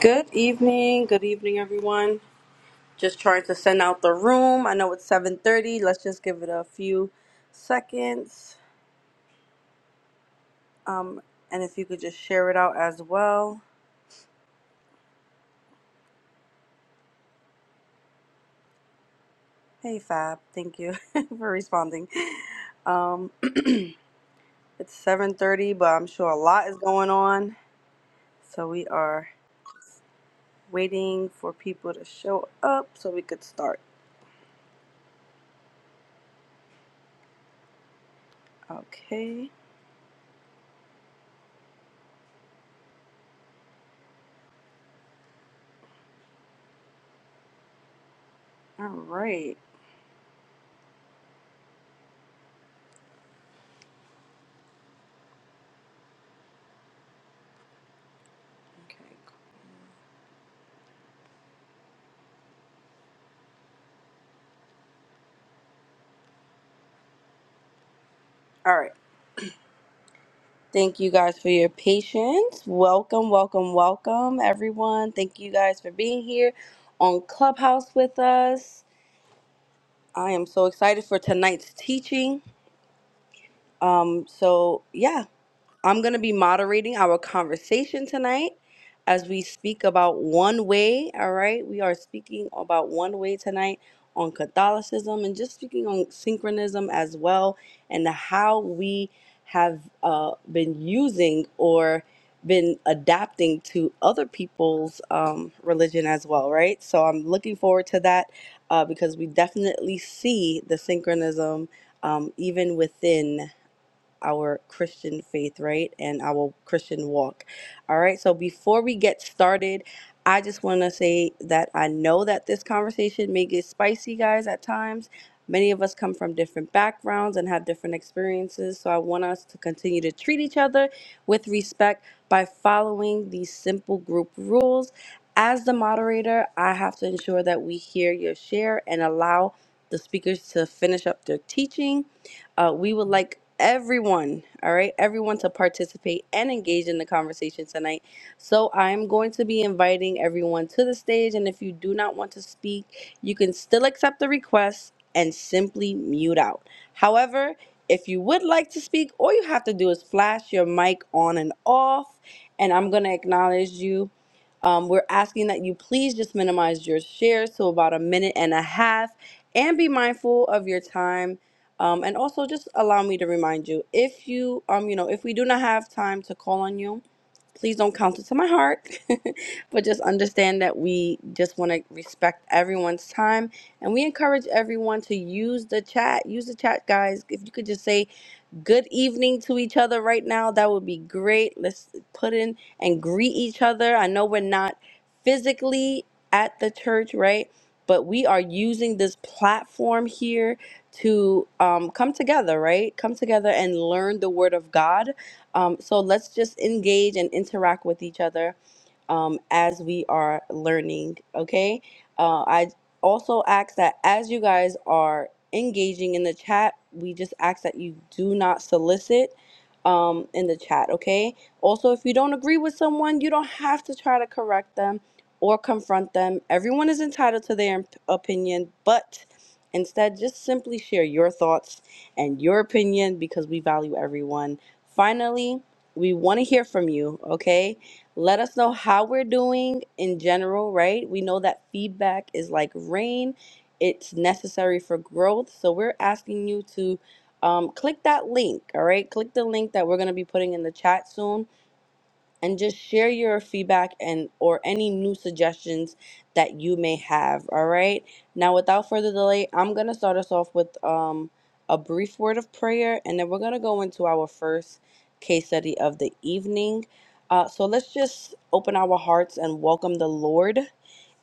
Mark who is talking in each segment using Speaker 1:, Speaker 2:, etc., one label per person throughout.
Speaker 1: Good evening. Good evening, everyone. Just trying to send out the room. I know it's 7:30. Let's just give it a few seconds. Um, and if you could just share it out as well. Hey, Fab. Thank you for responding. Um, it's 7:30, but I'm sure a lot is going on, so we are waiting for people to show up so we could start. Okay. All right. Okay. All right. Thank you guys for your patience. Welcome, welcome, welcome, everyone. Thank you guys for being here on Clubhouse with us. I am so excited for tonight's teaching. Um, so, yeah, I'm going to be moderating our conversation tonight as we speak about one way. All right. We are speaking about one way tonight on Catholicism and just speaking on synchronism as well and how we have uh, been using or been adapting to other people's um, religion as well, right? So I'm looking forward to that uh, because we definitely see the synchronism um, even within our Christian faith, right? And our Christian walk. All right. So before we get started, I just want to say that I know that this conversation may get spicy, guys, at times. Many of us come from different backgrounds and have different experiences. So I want us to continue to treat each other with respect by following these simple group rules. As the moderator, I have to ensure that we hear your share and allow the speakers to finish up their teaching uh, we would like everyone, all right, everyone to participate and engage in the conversation tonight. So I'm going to be inviting everyone to the stage, and if you do not want to speak, you can still accept the request and simply mute out. However, if you would like to speak, all you have to do is flash your mic on and off, and I'm going to acknowledge you um, we're asking that you please just minimize your shares to about a minute and a half and be mindful of your time. Um, and also just allow me to remind you if you um you know if we do not have time to call on you please don't count it to my heart but just understand that we just want to respect everyone's time and we encourage everyone to use the chat use the chat guys if you could just say good evening to each other right now. That would be great. Let's put in and greet each other. I know we're not physically at the church, right? But we are using this platform here to um, come together, right? Come together and learn the Word of God. Um, so let's just engage and interact with each other um, as we are learning, okay? Uh, I also ask that as you guys are engaging in the chat, we just ask that you do not solicit um, in the chat, okay? Also, if you don't agree with someone, you don't have to try to correct them or confront them. Everyone is entitled to their imp- opinion, but instead, just simply share your thoughts and your opinion because we value everyone. Finally, we want to hear from you, okay? Let us know how we're doing in general, right? We know that feedback is like rain it's necessary for growth. So we're asking you to um, click that link, all right? Click the link that we're going to be putting in the chat soon and just share your feedback and or any new suggestions that you may have, all right? Now, without further delay, I'm going to start us off with um, a brief word of prayer and then we're going to go into our first case study of the evening. Uh, so let's just open our hearts and welcome the Lord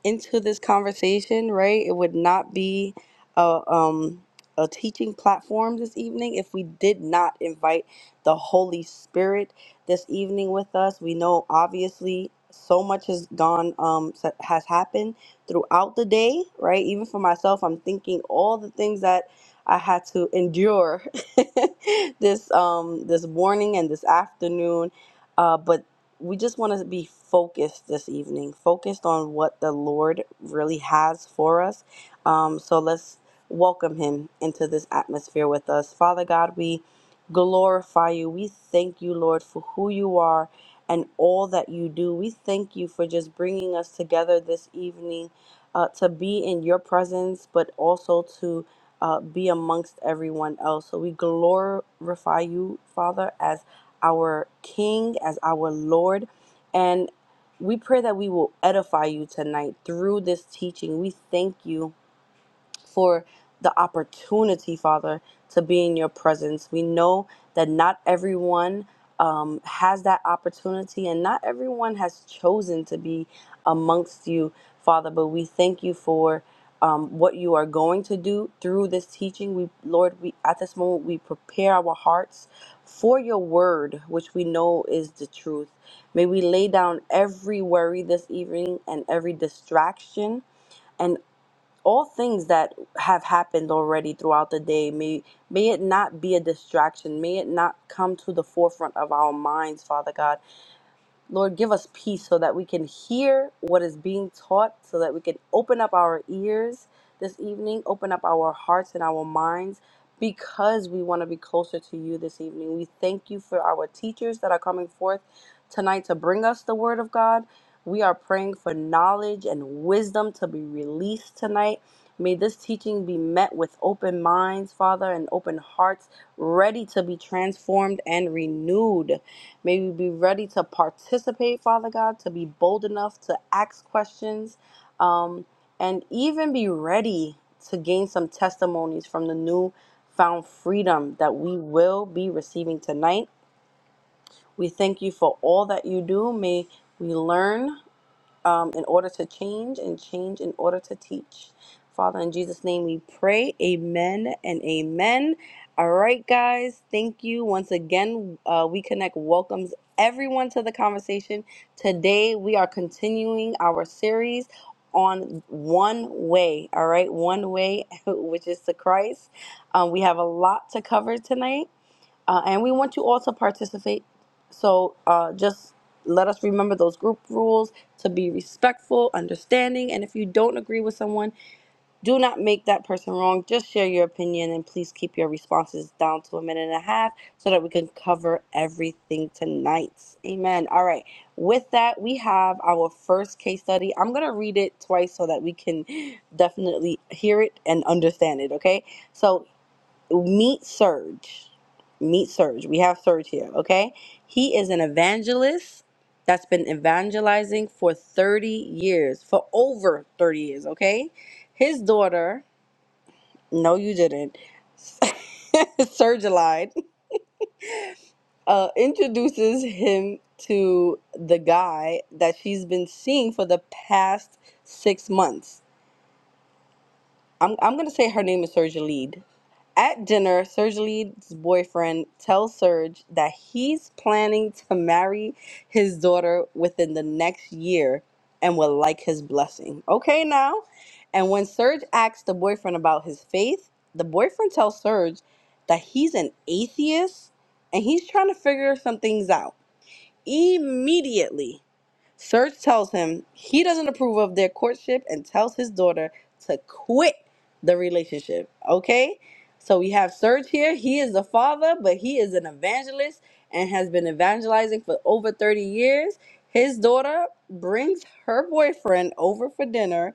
Speaker 1: into this conversation, right? It would not be a um a teaching platform this evening if we did not invite the Holy Spirit this evening with us. We know obviously so much has gone um s- has happened throughout the day, right? Even for myself, I'm thinking all the things that I had to endure this um this morning and this afternoon. Uh, but we just want to be focused this evening, focused on what the Lord really has for us. Um, so let's welcome Him into this atmosphere with us. Father God, we glorify you. We thank you, Lord, for who you are and all that you do. We thank you for just bringing us together this evening uh, to be in your presence, but also to. Uh, be amongst everyone else. So we glorify you, Father, as our King, as our Lord. And we pray that we will edify you tonight through this teaching. We thank you for the opportunity, Father, to be in your presence. We know that not everyone um, has that opportunity and not everyone has chosen to be amongst you, Father, but we thank you for. Um, what you are going to do through this teaching we lord we at this moment we prepare our hearts for your word which we know is the truth may we lay down every worry this evening and every distraction and all things that have happened already throughout the day may may it not be a distraction may it not come to the forefront of our minds father god Lord, give us peace so that we can hear what is being taught, so that we can open up our ears this evening, open up our hearts and our minds because we want to be closer to you this evening. We thank you for our teachers that are coming forth tonight to bring us the word of God. We are praying for knowledge and wisdom to be released tonight. May this teaching be met with open minds, Father, and open hearts, ready to be transformed and renewed. May we be ready to participate, Father God, to be bold enough to ask questions um, and even be ready to gain some testimonies from the new found freedom that we will be receiving tonight. We thank you for all that you do. May we learn um, in order to change and change in order to teach. Father, in Jesus' name we pray. Amen and amen. All right, guys. Thank you once again. Uh, we Connect welcomes everyone to the conversation. Today we are continuing our series on one way. All right, one way, which is to Christ. Um, we have a lot to cover tonight uh, and we want you all to participate. So uh, just let us remember those group rules to be respectful, understanding, and if you don't agree with someone, do not make that person wrong. Just share your opinion and please keep your responses down to a minute and a half so that we can cover everything tonight. Amen. All right. With that, we have our first case study. I'm going to read it twice so that we can definitely hear it and understand it, okay? So meet Serge. Meet Serge. We have Serge here, okay? He is an evangelist that's been evangelizing for 30 years, for over 30 years, okay? His daughter, no, you didn't, Serge lied, uh, introduces him to the guy that she's been seeing for the past six months. I'm, I'm going to say her name is Serge Lead. At dinner, Serge Lee's boyfriend tells Serge that he's planning to marry his daughter within the next year and would like his blessing. Okay, now. And when Serge asks the boyfriend about his faith, the boyfriend tells Serge that he's an atheist and he's trying to figure some things out immediately. Serge tells him he doesn't approve of their courtship and tells his daughter to quit the relationship. Okay? So we have Serge here. He is the father, but he is an evangelist and has been evangelizing for over 30 years. His daughter brings her boyfriend over for dinner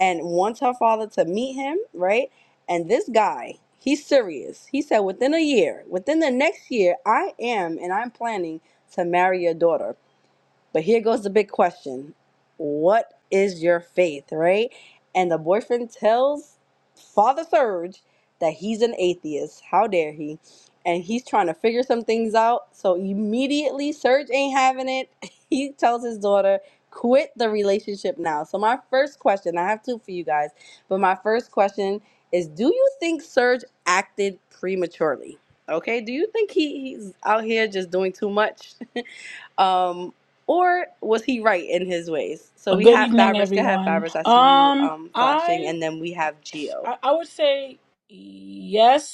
Speaker 1: and wants her father to meet him, right? And this guy, he's serious. He said, within a year, within the next year, I am and I'm planning to marry your daughter. But here goes the big question What is your faith, right? And the boyfriend tells Father Surge that he's an atheist. How dare he? And he's trying to figure some things out. So immediately, Surge ain't having it. He tells his daughter, Quit the relationship now. So, my first question I have two for you guys, but my first question is Do you think Surge acted prematurely? Okay, do you think he, he's out here just doing too much? Um, or was he right in his ways? So we
Speaker 2: Good
Speaker 1: have
Speaker 2: evening,
Speaker 1: Fabris. Go ahead,
Speaker 2: everyone.
Speaker 1: Fabris. I see you
Speaker 2: Um,
Speaker 1: um, flashing.
Speaker 2: I,
Speaker 1: And then we have Geo.
Speaker 2: I, I would say yes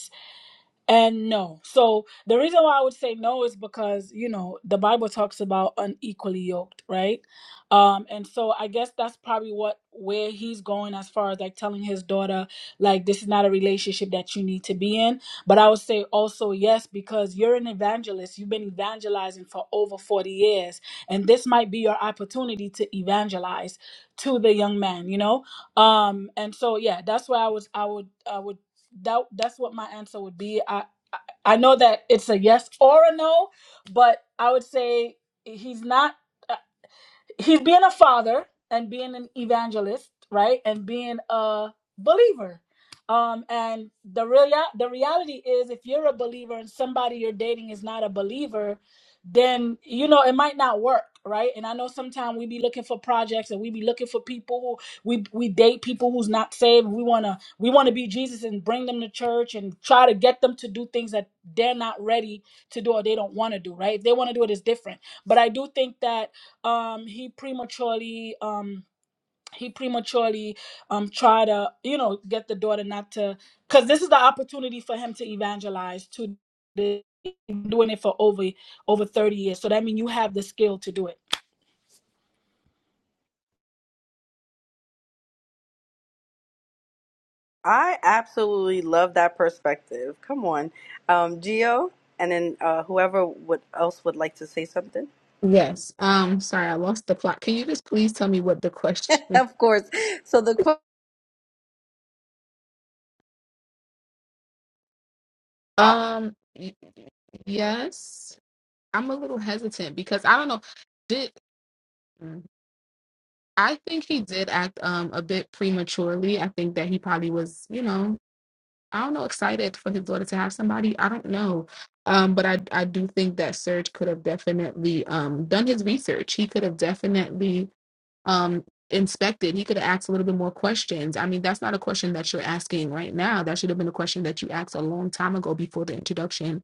Speaker 2: and no. So the reason why I would say no is because, you know, the Bible talks about unequally yoked, right? Um, and so I guess that's probably what where he's going as far as like telling his daughter, like, this is not a relationship that you need to be in. But I would say also yes, because you're an evangelist. You've been evangelizing for over 40 years. And this might be your opportunity to evangelize to the young man, you know? Um, and so yeah, that's why I was I would I would that that's what my answer would be. I I know that it's a yes or a no, but I would say he's not he's being a father and being an evangelist, right? And being a believer. Um, and the real the reality is if you're a believer and somebody you're dating is not a believer, then you know it might not work, right? And I know sometimes we be looking for projects and we be looking for people who we we date people who's not saved. We wanna we wanna be Jesus and bring them to church and try to get them to do things that they're not ready to do or they don't want to do, right? If they want to do it, it's different. But I do think that um he prematurely um he prematurely um try to you know get the daughter not to because this is the opportunity for him to evangelize to the, doing it for over over 30 years so that means you have the skill to do
Speaker 1: I absolutely love that perspective. Come on. Um, Geo, and then uh, whoever would else would like to say something.
Speaker 3: Yes. Um, sorry, I lost the plot. Can you just please tell me what the question?
Speaker 1: of course. So the quote.
Speaker 3: Um, y- yes. I'm a little hesitant because I don't know. Did Mm. I think he did act um a bit prematurely. I think that he probably was, you know, I don't know, excited for his daughter to have somebody. I don't know. Um, but I I do think that Serge could have definitely um done his research. He could have definitely um inspected he could have asked a little bit more questions i mean that's not a question that you're asking right now that should have been a question that you asked a long time ago before the introduction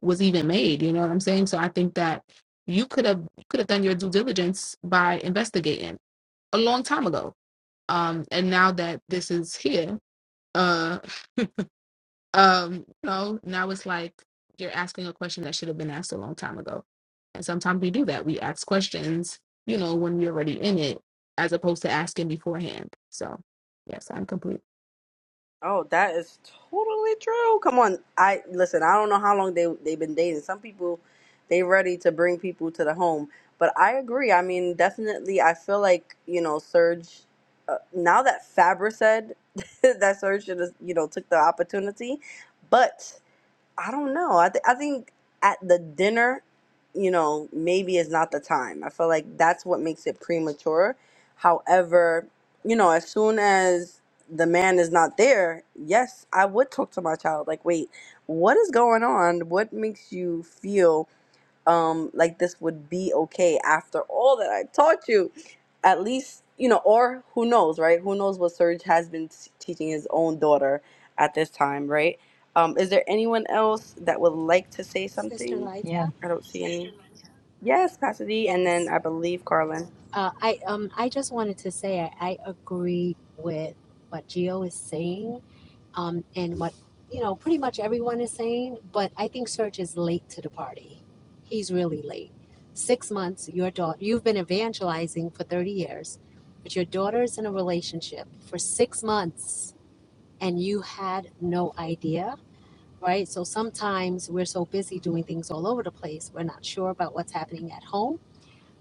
Speaker 3: was even made you know what i'm saying so i think that you could have you could have done your due diligence by investigating a long time ago um and now that this is here uh, um, no, now it's like you're asking a question that should have been asked a long time ago. And sometimes we do that. We ask questions, you know, when we're already in it, as opposed to asking beforehand. So yes, I'm complete.
Speaker 1: Oh, that is totally true. Come on, I listen. I don't know how long they they've been dating. Some people, they ready to bring people to the home. But I agree. I mean, definitely, I feel like you know, Serge. Uh, now that Faber said that Serge should have, you know, took the opportunity, but I don't know. I, th- I think at the dinner, you know, maybe is not the time. I feel like that's what makes it premature. However, you know, as soon as the man is not there, yes, I would talk to my child. Like, wait, what is going on? What makes you feel? um like this would be okay after all that I taught you at least you know or who knows right who knows what Serge has been s- teaching his own daughter at this time right um is there anyone else that would like to say
Speaker 4: Sister
Speaker 1: something
Speaker 5: Yeah.
Speaker 4: Liza?
Speaker 1: I don't see any yes Cassidy and then
Speaker 4: Yes.
Speaker 1: I believe Carlin
Speaker 4: Uh, I um I just wanted to say I, I agree with what Gio is saying, um, and what you know pretty much everyone is saying, but I think Serge is late to the party. He's really late. Six months, your daughter you've been evangelizing for thirty years, but your daughter is in a relationship for six months and you had no idea, right? So sometimes we're so busy doing things all over the place, we're not sure about what's happening at home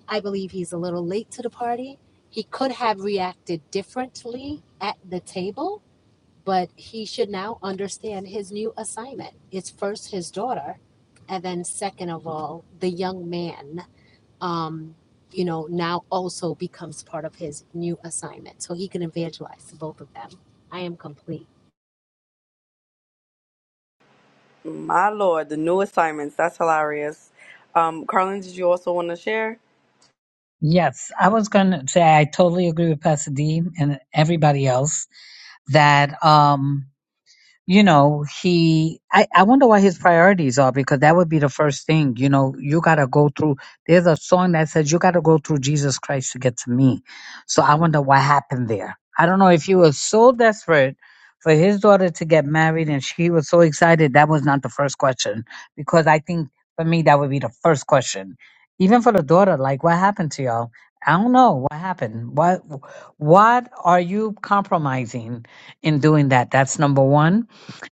Speaker 4: I believe he's a little late to the party. He could have reacted differently at the table, but he should now understand his new assignment. It's first his daughter, and then second of all, the young man. Um, you know, now also becomes part of his new assignment, so he can evangelize to both of them. I am complete.
Speaker 1: my lord the new assignments that's hilarious um Carlin did you also want to share
Speaker 5: Yes. I was going to say, I totally agree with Pastor D and everybody else that, um, you know, he, I, I wonder what his priorities are because that would be the first thing. You know, you got to go through, there's a song that says, you got to go through Jesus Christ to get to me. So I wonder what happened there. I don't know if he was so desperate for his daughter to get married and she was so excited. That was not the first question because I think for me, that would be the first question. Even for the daughter, like, what happened to y'all? I don't know what happened. What, what are you compromising in doing that? That's number one.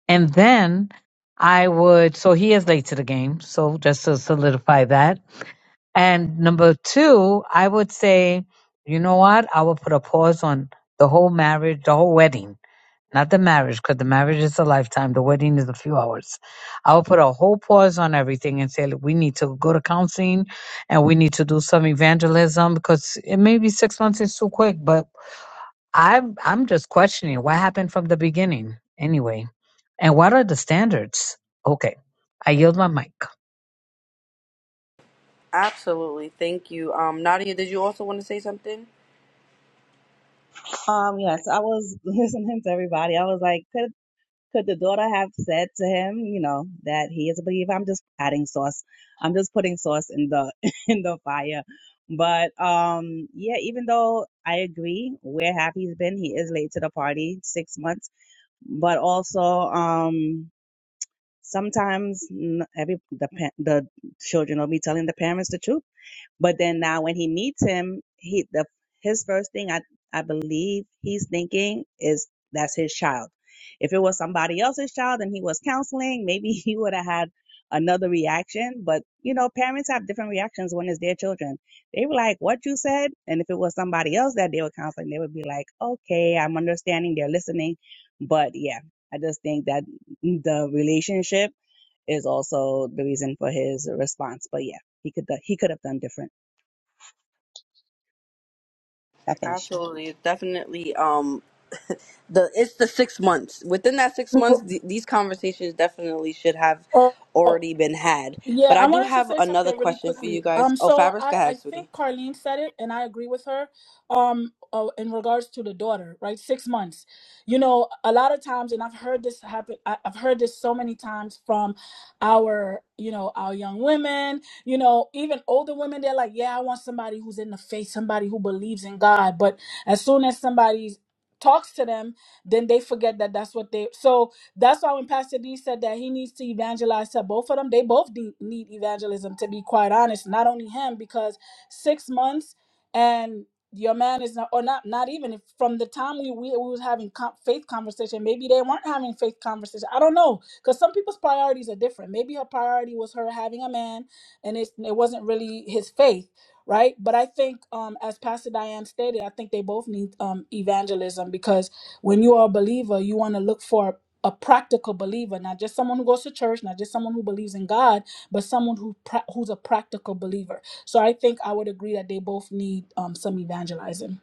Speaker 5: And then I would, so he is late to the game. So just to solidify that. And number two, I would say, you know what? I would put a pause on the whole marriage, the whole wedding, not the marriage, because the marriage is a lifetime. The wedding is a few hours. I would put a whole pause on everything and say, "Look, we need to go to counseling and we need to do some evangelism because it may be six months is too quick, but I'm I'm just questioning what happened from the beginning anyway, and what are the standards? Okay, I yield my mic.
Speaker 1: absolutely thank you um Nadia did you also want to say something
Speaker 6: Um, yes, I was listening to everybody. I was like, could could the daughter have said to him, you know, that he is a believer? I'm just adding sauce. I'm just putting sauce in the in the fire. But um, yeah, even though I agree where happy he's been, he is late to the party, six months. But also, um, Sometimes n- every the pa- the children will be telling the parents the truth, but then now when he meets him, he the his first thing I I believe he's thinking is that's his child. If it was somebody else's child and he was counseling, maybe he would have had another reaction. But you know, parents have different reactions when it's their children. They were like, "What you said?" And if it was somebody else that they were counseling, they would be like, "Okay, I'm understanding. They're listening." But yeah, I just think that the relationship is also the reason for his response. But yeah, he could he could have done different. I finished.
Speaker 1: Absolutely, It's definitely. Um, the it's the six months. Within that six months, th- these conversations definitely should have
Speaker 2: it
Speaker 1: already been had. But
Speaker 2: Yeah,
Speaker 1: I
Speaker 2: I
Speaker 1: do
Speaker 2: wanted to
Speaker 1: have
Speaker 2: say
Speaker 1: another
Speaker 2: something really
Speaker 1: question for you
Speaker 2: quickly.
Speaker 1: guys.
Speaker 2: Um,
Speaker 1: Oh,
Speaker 2: so
Speaker 1: Fabrice, go
Speaker 2: I
Speaker 1: ahead,
Speaker 2: I
Speaker 1: sweetie.
Speaker 2: think Carlene said it, and I agree with her. Um, uh, in regards to the daughter, right? Six months. You know, a lot of times, and I've heard this happen. I, I've heard this so many times from our, you know, our young women. You know, even older women. They're like, yeah, I want somebody who's in the faith, somebody who believes in God. But as soon as somebody talks to them, then they forget that that's what they. So that's why when Pastor D said that he needs to evangelize to both of them, they both de- need evangelism, to be quite honest. Not only him, because six months and your man is not, or not, not even if from the time we we, we was having com- faith conversation, maybe they weren't having faith conversation. I don't know, because some people's priorities are different. Maybe her priority was her having a man, and it it wasn't really his faith, right? But I think, um, as Pastor Diane stated, I think they both need um evangelism because when you are a believer, you want to look for a practical believer, not just someone who goes to church, not just someone who believes in God, but someone who pra- who's a practical believer. So I think I would agree that they both need um, some evangelizing.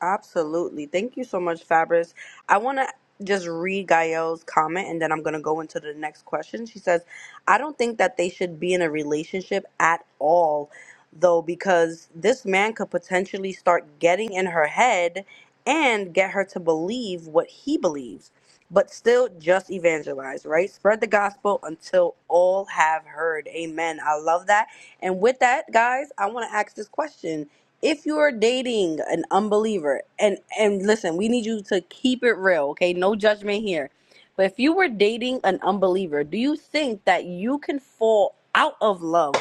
Speaker 1: Absolutely. Thank you so much, Fabris. I want to just read Gael's comment and then I'm going to go into the next question. She says, I don't think that they should be in a relationship at all, though, because this man could potentially start getting in her head and get her to believe what he believes, but still just evangelize, right? Spread the gospel until all have heard. Amen. I love that. And with that, guys, I want to ask this question if you're dating an unbeliever and and listen we need you to keep it real okay no judgment here but if you were dating an unbeliever do you think that you can fall out of love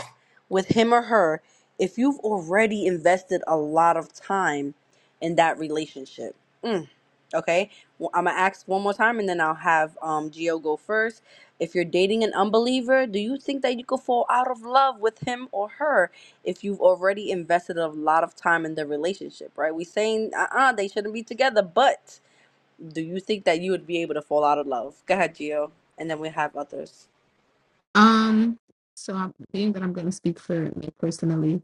Speaker 1: with him or her if you've already invested a lot of time in that relationship mm, okay well, i'm gonna ask one more time and then i'll have um geo go first if you're dating an unbeliever do you think that you could fall out of love with him or her if you've already invested a lot of time in the relationship, right? We saying uh-uh, they shouldn't be together, but do you think that you would be able to fall out of love? Go ahead, Gio, and then we have others.
Speaker 3: Um, so I'm being that I'm gonna speak for me personally,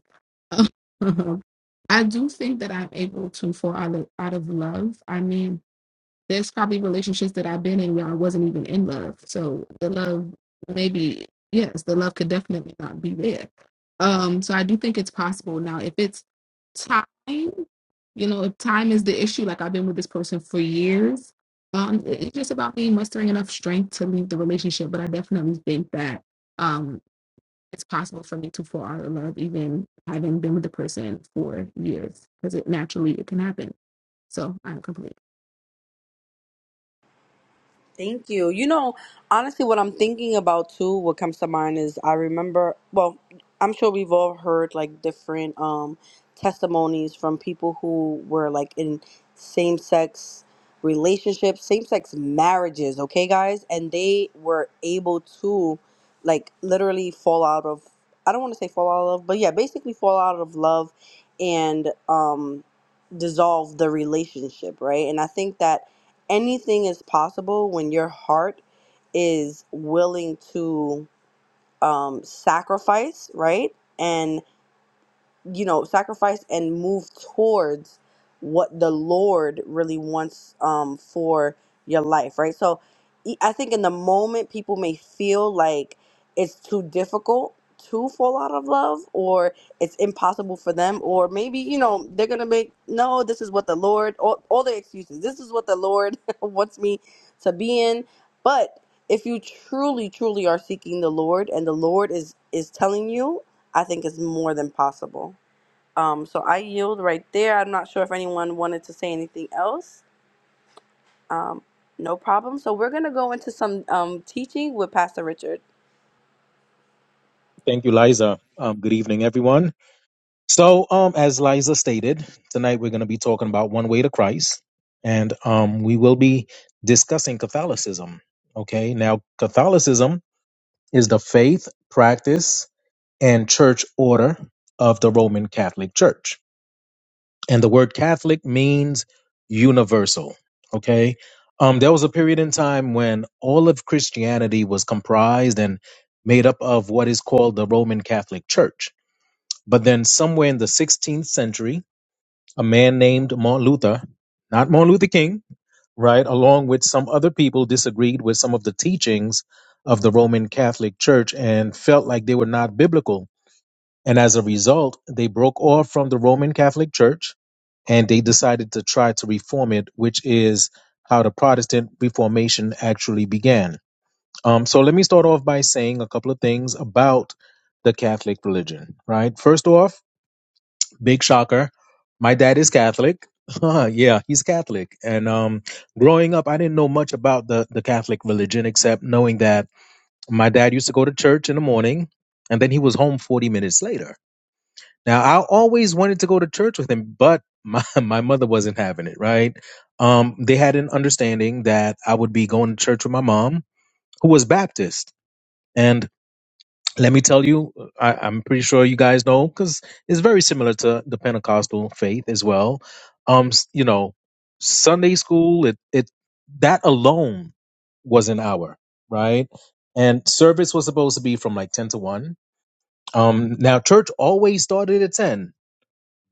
Speaker 3: I do think that I'm able to fall out of, out of love. I mean, there's probably relationships that I've been in where I wasn't even in love. So the love maybe yes, the love could definitely not be there. Um so I do think it's possible. Now if it's time, you know, if time is the issue, like I've been with this person for years, um it- it's just about me mustering enough strength to leave the relationship. But I definitely think that um it's possible for me to fall out of love even having been with the person for years because it naturally it can happen. So I'm complete.
Speaker 1: Thank you. You know, honestly, what I'm thinking about too, what comes to mind is I remember, well, I'm sure we've all heard like different um, testimonies from people who were like in same sex relationships, same sex marriages, okay, guys? And they were able to like literally fall out of, I don't want to say fall out of, but yeah, basically fall out of love and um, dissolve the relationship, right? And I think that anything is possible when your heart is willing to um, sacrifice, right? And you know sacrifice and move towards what the lord really wants um for your life right so e- i think in the moment people may feel like it's too difficult to fall out of love or it's impossible for them or maybe you know they're gonna make no this is what the lord all, all the excuses this is what the lord wants me to be in but if you truly truly are seeking the lord and the lord is is telling you i think it's more than possible um, so I yield right there. I'm not sure if anyone wanted to say anything else. Um, no problem. So we're gonna go into some um, teaching with Pastor Richard.
Speaker 7: Thank you, Liza. Um, good evening, everyone. So, um, as Liza stated, tonight we're going to be talking about One Way to Christ, and um, we will be discussing Catholicism. Okay, now Catholicism is the faith, practice, and church order of the Roman Catholic Church, and the word Catholic means universal. Okay, um, there was a period in time when all of Christianity was comprised and made up of what is called the Roman Catholic Church but then, somewhere in the 16th century, a man named Martin Luther, not Martin Luther King, right, along with some other people, disagreed with some of the teachings of the Roman Catholic Church and felt like they were not biblical. And as a result, they broke off from the Roman Catholic Church and they decided to try to reform it, which is how the Protestant Reformation actually began. Um, so let me start off by saying a couple of things about the Catholic religion, right? First off, big shocker. My dad is Catholic. yeah, he's Catholic. And um, growing up, I didn't know much about the, the Catholic religion except knowing that my dad used to go to church in the morning and then he was home 40 minutes later. Now, I always wanted to go to church with him, but my, my mother wasn't having it, right? Um, they had an understanding that I would be going to church with my mom, who was Baptist. and. Let me tell you, I, I'm pretty sure you guys know because it's very similar to the Pentecostal faith as well. Um, s- you know, Sunday school, it it that alone was an hour, right? And service was supposed to be from like ten to one. Um, now church always started at ten,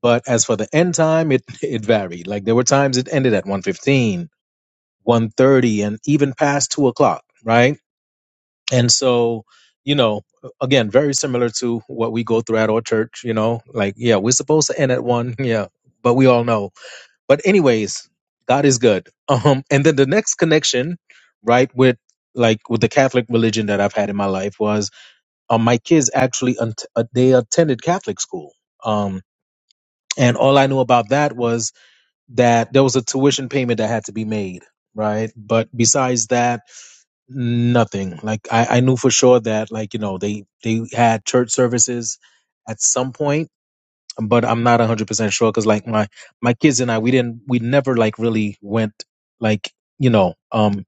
Speaker 7: but as for the end time, it it varied. Like there were times it ended at one fifteen, one thirty, and even past two o'clock, right? And so, you know, again, very similar to what we go through at our church, you know, like, yeah, we're supposed to end at one. Yeah. But we all know. But anyways, God is good. Um, and then the next connection, right, with like with the Catholic religion that I've had in my life was um, my kids actually unt- uh, they attended Catholic school. Um, and all I knew about that was that there was a tuition payment that had to be made, right? But besides that, nothing like I, I knew for sure that like you know they they had church services at some point but i'm not 100% sure because like my my kids and i we didn't we never like really went like you know um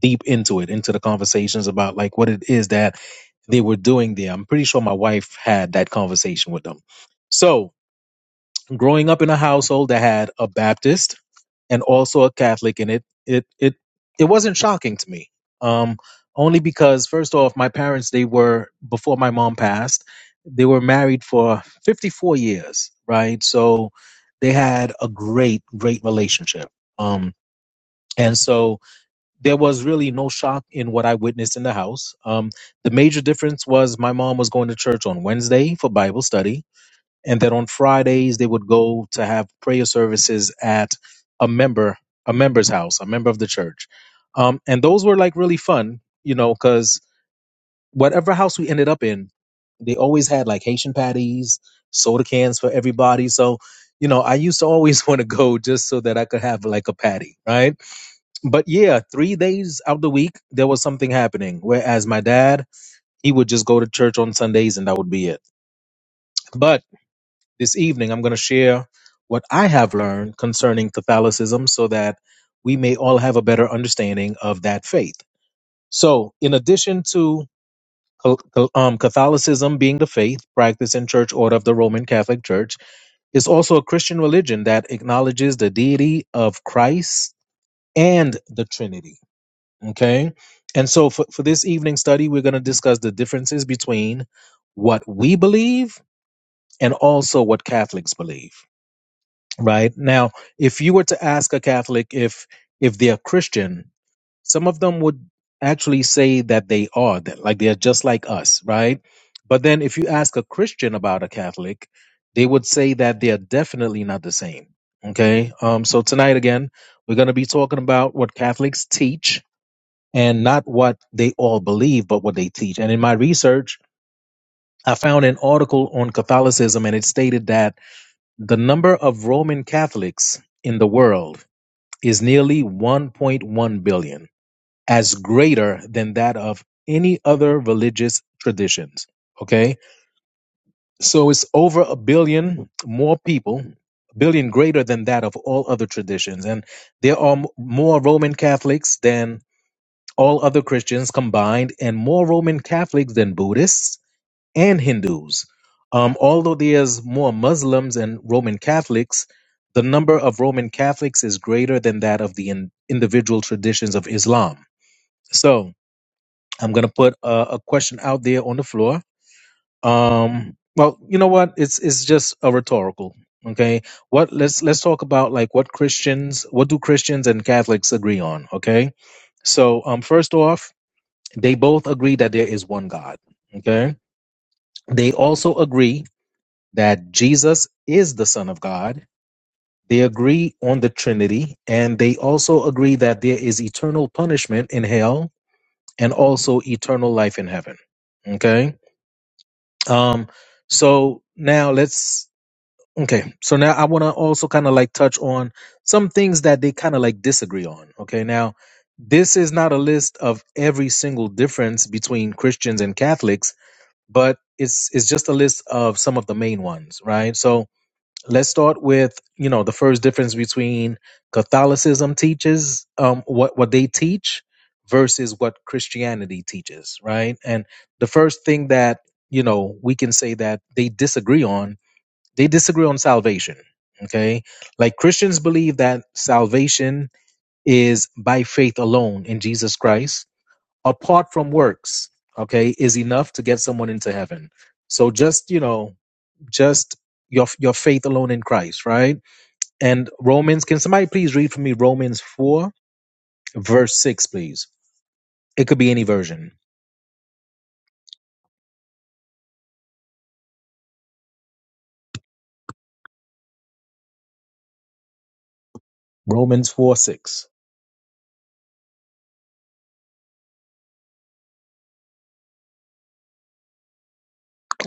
Speaker 7: deep into it into the conversations about like what it is that they were doing there i'm pretty sure my wife had that conversation with them so growing up in a household that had a baptist and also a Catholic, and it it it it wasn't shocking to me. Um, only because first off, my parents they were before my mom passed, they were married for 54 years, right? So they had a great great relationship. Um, and so there was really no shock in what I witnessed in the house. Um, the major difference was my mom was going to church on Wednesday for Bible study and then on Fridays they would go to have prayer services at a member a member's house, a member of the church. Um, and those were like really fun, you know, because whatever house we ended up in, they always had like Haitian patties, soda cans for everybody. So, you know, I used to always want to go just so that I could have like a patty, right? But yeah, three days out the week, there was something happening. Whereas my dad, he would just go to church on Sundays and that would be it. But this evening, I'm going to share what I have learned concerning Catholicism so that we may all have a better understanding of that faith. So, in addition to um, Catholicism being the faith practice, and church order of the Roman Catholic Church, is also a Christian religion that acknowledges the deity of Christ and the Trinity. Okay. And so for, for this evening study, we're going to discuss the differences between what we believe and also what Catholics believe. right now if you were to ask a catholic if if they're christian some of them would actually say that they are that like they're just like us right but then if you ask a christian about a catholic they would say that they're definitely not the same okay um so tonight again we're going to be talking about what catholics teach and not what they all believe but what they teach and in my research i found an article on catholicism and it stated that the number of Roman Catholics in the world is nearly 1.1 billion, as greater than that of any other religious traditions. Okay? So it's over a billion more people, a billion greater than that of all other traditions. And there are m- more Roman Catholics than all other Christians combined, and more Roman Catholics than Buddhists and Hindus. Um, although there's more Muslims and Roman Catholics, the number of Roman Catholics is greater than that of the in- individual traditions of Islam. So I'm going to put a, a question out there on the floor. Um, well, you know what? It's it's just a rhetorical. Okay, what let's let's talk about like what Christians, what do Christians and Catholics agree on? Okay, so um, first off, they both agree that there is one God. Okay, they also agree that Jesus is the Son of God. They agree on the Trinity, and they also agree that there is eternal punishment in hell and also eternal life in heaven. Okay. Um, so now let's okay. So now I want to also kind of like touch on some things that they kind of like disagree on. Okay. Now, this is not a list of every single difference between Christians and Catholics, but it's it's just a list of some of the main ones, right? So let's start with you know the first difference between catholicism teaches um what what they teach versus what christianity teaches right and the first thing that you know we can say that they disagree on they disagree on salvation okay like christians believe that salvation is by faith alone in jesus christ apart from works okay is enough to get someone into heaven so just you know just your your faith alone in christ right and Romans, can somebody please read for me Romans 4, verse 6, please? It could be any version. Romans 4, 6.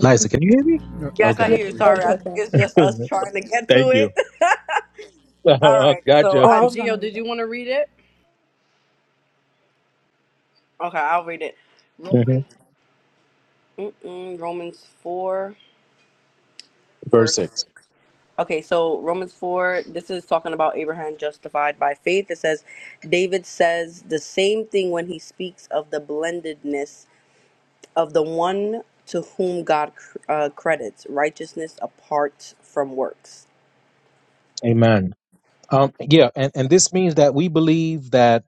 Speaker 7: Liza, can you hear me?
Speaker 8: No,
Speaker 1: Yes, I
Speaker 7: Okay.
Speaker 3: Yeah,
Speaker 8: I
Speaker 1: hear you.
Speaker 8: can read
Speaker 1: Sorry,
Speaker 3: okay,
Speaker 1: I
Speaker 8: it.
Speaker 1: think
Speaker 3: okay.
Speaker 1: it's just us trying to get
Speaker 7: Thank
Speaker 1: to it.
Speaker 7: you.
Speaker 1: All right. So,
Speaker 7: gotcha.
Speaker 2: Oh,
Speaker 1: uh,
Speaker 2: I was
Speaker 1: Gio,
Speaker 2: gonna read
Speaker 1: did
Speaker 2: them.
Speaker 1: you want to read it? Okay, I'll read it.
Speaker 7: Mhm.
Speaker 1: Romans, mm-mm, Romans four,
Speaker 7: Verse
Speaker 1: verse.
Speaker 7: 6.
Speaker 1: Okay, so Romans four. This is talking about Abraham justified by faith. It says, David says the same thing when he speaks of the blendedness of the one to whom God uh, credits righteousness apart from works.
Speaker 7: Amen. Um, yeah, and, and this means that we believe that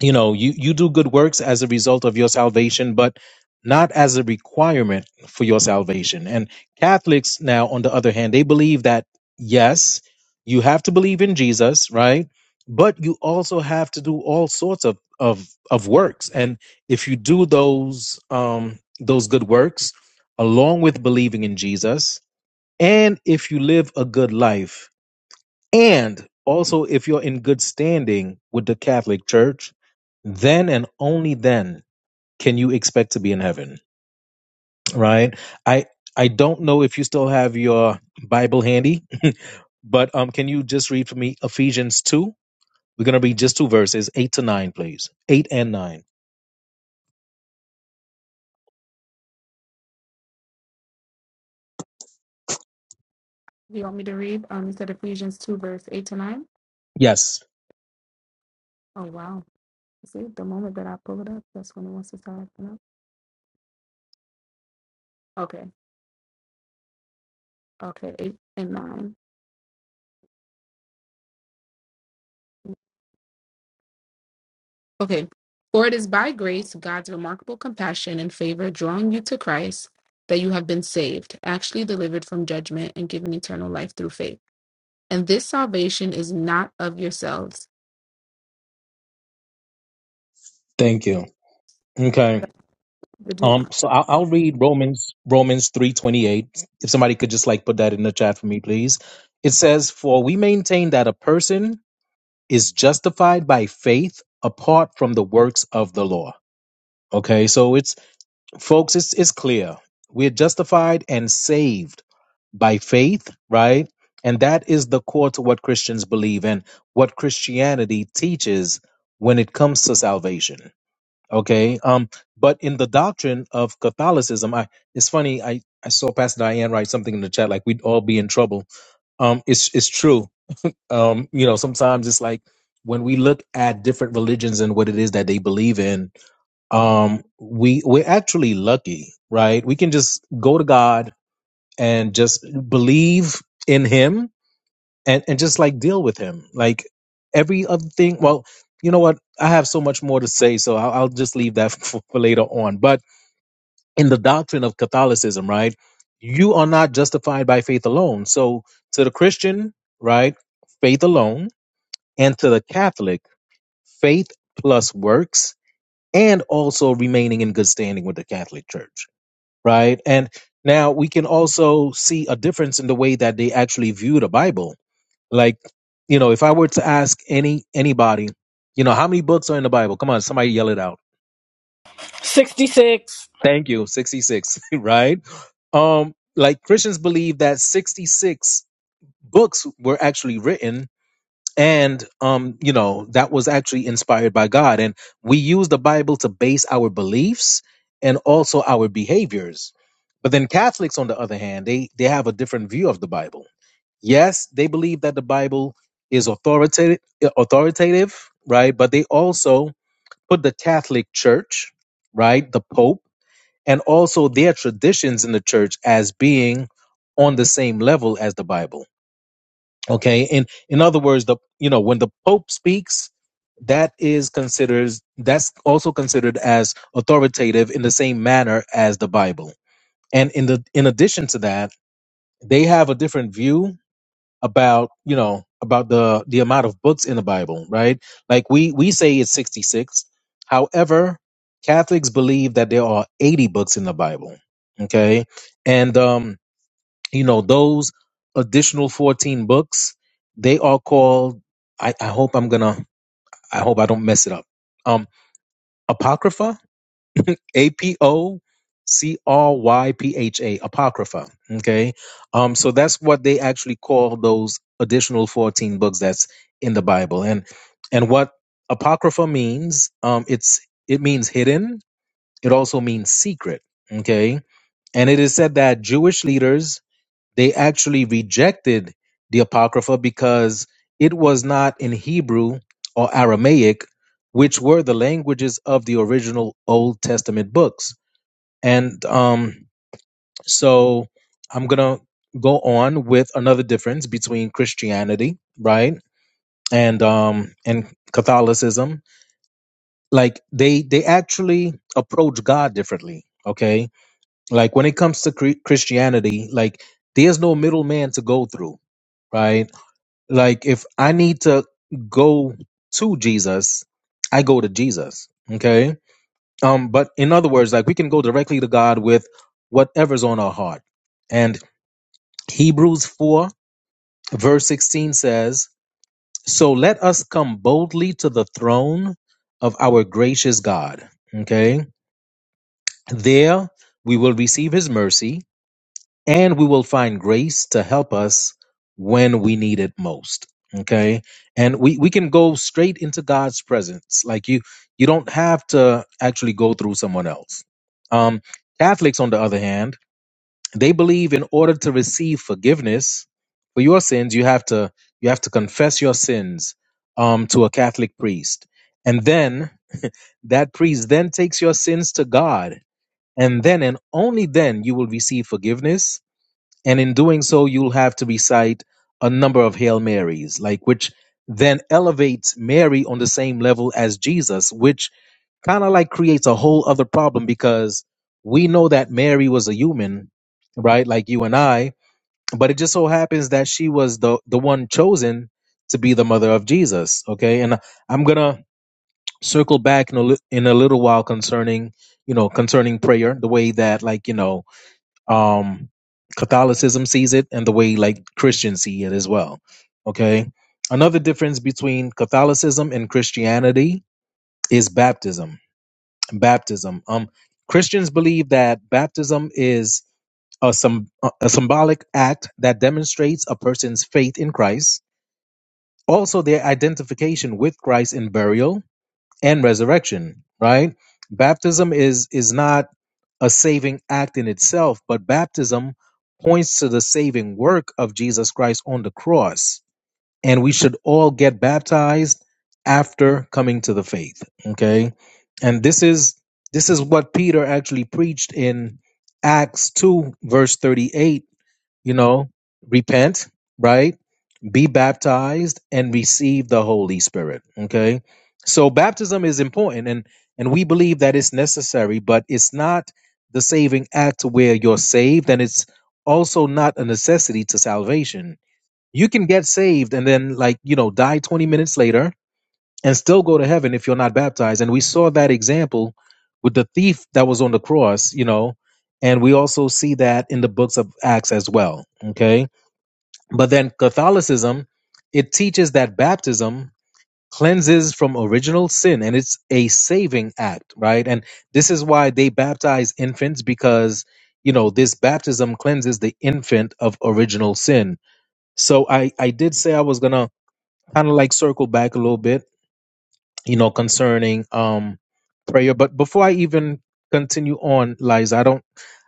Speaker 7: you know you you do good works as a result of your salvation but not as a requirement for your salvation and catholics now on the other hand they believe that yes you have to believe in jesus right but you also have to do all sorts of of of works and if you do those um those good works along with believing in jesus and if you live a good life and also, if you're in good standing with the Catholic Church, then and only then can you expect to be in heaven, right? I I don't know if you still have your Bible handy, but um, can you just read for me Ephesians two? We're gonna read just two verses, eight to nine, please. Eight and nine.
Speaker 3: You want me to read? Um, you said Ephesians 2, verse 8 to 9?
Speaker 7: Yes.
Speaker 3: Oh, wow. See, the moment that I pull it up, that's when it wants to start opening up. Okay, okay, 8 and 9. Okay. For it is by grace, God's remarkable compassion and favor drawing you to Christ, that you have been saved, actually delivered from judgment, and given eternal life through faith. And this salvation is not of yourselves.
Speaker 7: Thank you. Okay.
Speaker 3: Did you-
Speaker 7: Um, so I'll, I'll read Romans Romans three twenty eight. If somebody could just like put that in the chat for me, please. It says, "For we maintain that a person is justified by faith apart from the works of the law." Okay, so it's folks, it's it's clear we're justified and saved by faith, right? And that is the core to what Christians believe and what Christianity teaches when it comes to salvation Okay. Um, but in the doctrine of Catholicism, I it's funny, I, I saw Pastor Diane write something in the chat like we'd all be in trouble. Um, it's it's true. Um, you know, sometimes it's like when we look at different religions and what it is that they believe in, um, we we're actually lucky, right? We can just go to God and just believe in him and and just like deal with him like every other thing well you know what i have so much more to say so i'll, I'll just leave that for, for later on but in the doctrine of catholicism right you are not justified by faith alone so to the christian right faith alone and to the catholic faith plus works and also remaining in good standing with the catholic church right and now we can also see a difference in the way that they actually view the bible like, you know, if I were to ask any anybody, you know, how many books are in the Bible? Come on, somebody yell it out.
Speaker 2: Sixty-six.
Speaker 7: Thank you, 66, right? Um, like Christians believe that 66 books were actually written and um, you know, that was actually inspired by God and we use the Bible to base our beliefs and also our behaviors. But then Catholics on the other hand, they they have a different view of the Bible yes, they believe that the Bible is authoritative, authoritative, right? But they also put the Catholic Church, right, the Pope, and also their traditions in the church as being on the same level as the Bible. Okay, and in other words, the you know when the Pope speaks, that is considered that's also considered as authoritative in the same manner as the Bible. And in the in addition to that, they have a different view about you know about the the amount of books in the bible right like we we say it's 66 however catholics believe that there are 80 books in the bible okay and um you know those additional 14 books they are called i, I hope i'm gonna i hope i don't mess it up um apocrypha A P O C R Y P H A, Apocrypha. Okay. Um, so that's what they actually call those additional 14 books that's in the Bible. And and what Apocrypha means, um, it's it means hidden, it also means secret. Okay. And it is said that Jewish leaders they actually rejected the Apocrypha because it was not in Hebrew or Aramaic, which were the languages of the original Old Testament books and um, so I'm going to go on with another difference between Christianity, right? And um and Catholicism, like they they actually approach God differently, okay? Like when it comes to cre- Christianity, like there's no middleman to go through, right? Like if I need to go to Jesus, I go to Jesus, okay? Um but in other words, like we can go directly to God with whatever's on our heart. and Hebrews 4, verse 16 says, So let us come boldly to the throne of our gracious God. Okay. There we will receive his mercy and we will find grace to help us when we need it most. Okay. And we, we can go straight into God's presence. Like you, you don't have to actually go through someone else. Um, Catholics, on the other hand, They believe in order to receive forgiveness for your sins, you have to you have to confess your sins um, to a Catholic priest, and then that priest then takes your sins to God, and then and only then you will receive forgiveness. And in doing so, you'll have to recite a number of Hail Marys, like which then elevates Mary on the same level as Jesus, which kind of like creates a whole other problem because we know that Mary was a human, right? Like you and I, but it just so happens that she was the the one chosen to be the mother of Jesus. Okay, and I'm gonna circle back in a li- in a little while concerning you know concerning prayer, the way that like you know um Catholicism sees it, and the way like Christians see it as well. Okay, another difference between Catholicism and Christianity is baptism. Baptism. Um, Christians believe that baptism is a, sym- a symbolic act that demonstrates a person's faith in Christ, also their identification with Christ in burial and resurrection, right? Baptism is is not a saving act in itself, but baptism points to the saving work of Jesus Christ on the cross, and we should all get baptized after coming to the faith, okay? And this is this is what Peter actually preached in Acts 2 verse 38 you know, repent, right? Be baptized and receive the Holy Spirit. Okay. So baptism is important and and we believe that it's necessary, but it's not the saving act to where you're saved, and it's also not a necessity to salvation. You can get saved and then like, you know, die 20 minutes later and still go to heaven if you're not baptized. And we saw that example with the thief that was on the cross, you know, and we also see that in the books of Acts as well. Okay but then Catholicism, it teaches that baptism cleanses from original sin and it's a saving act, right? And this is why they baptize infants because, you know, this baptism cleanses the infant of original sin. So I I did say I was going to kind of like circle back a little bit, you know, concerning um prayer, but before I even continue on, Liza, I don't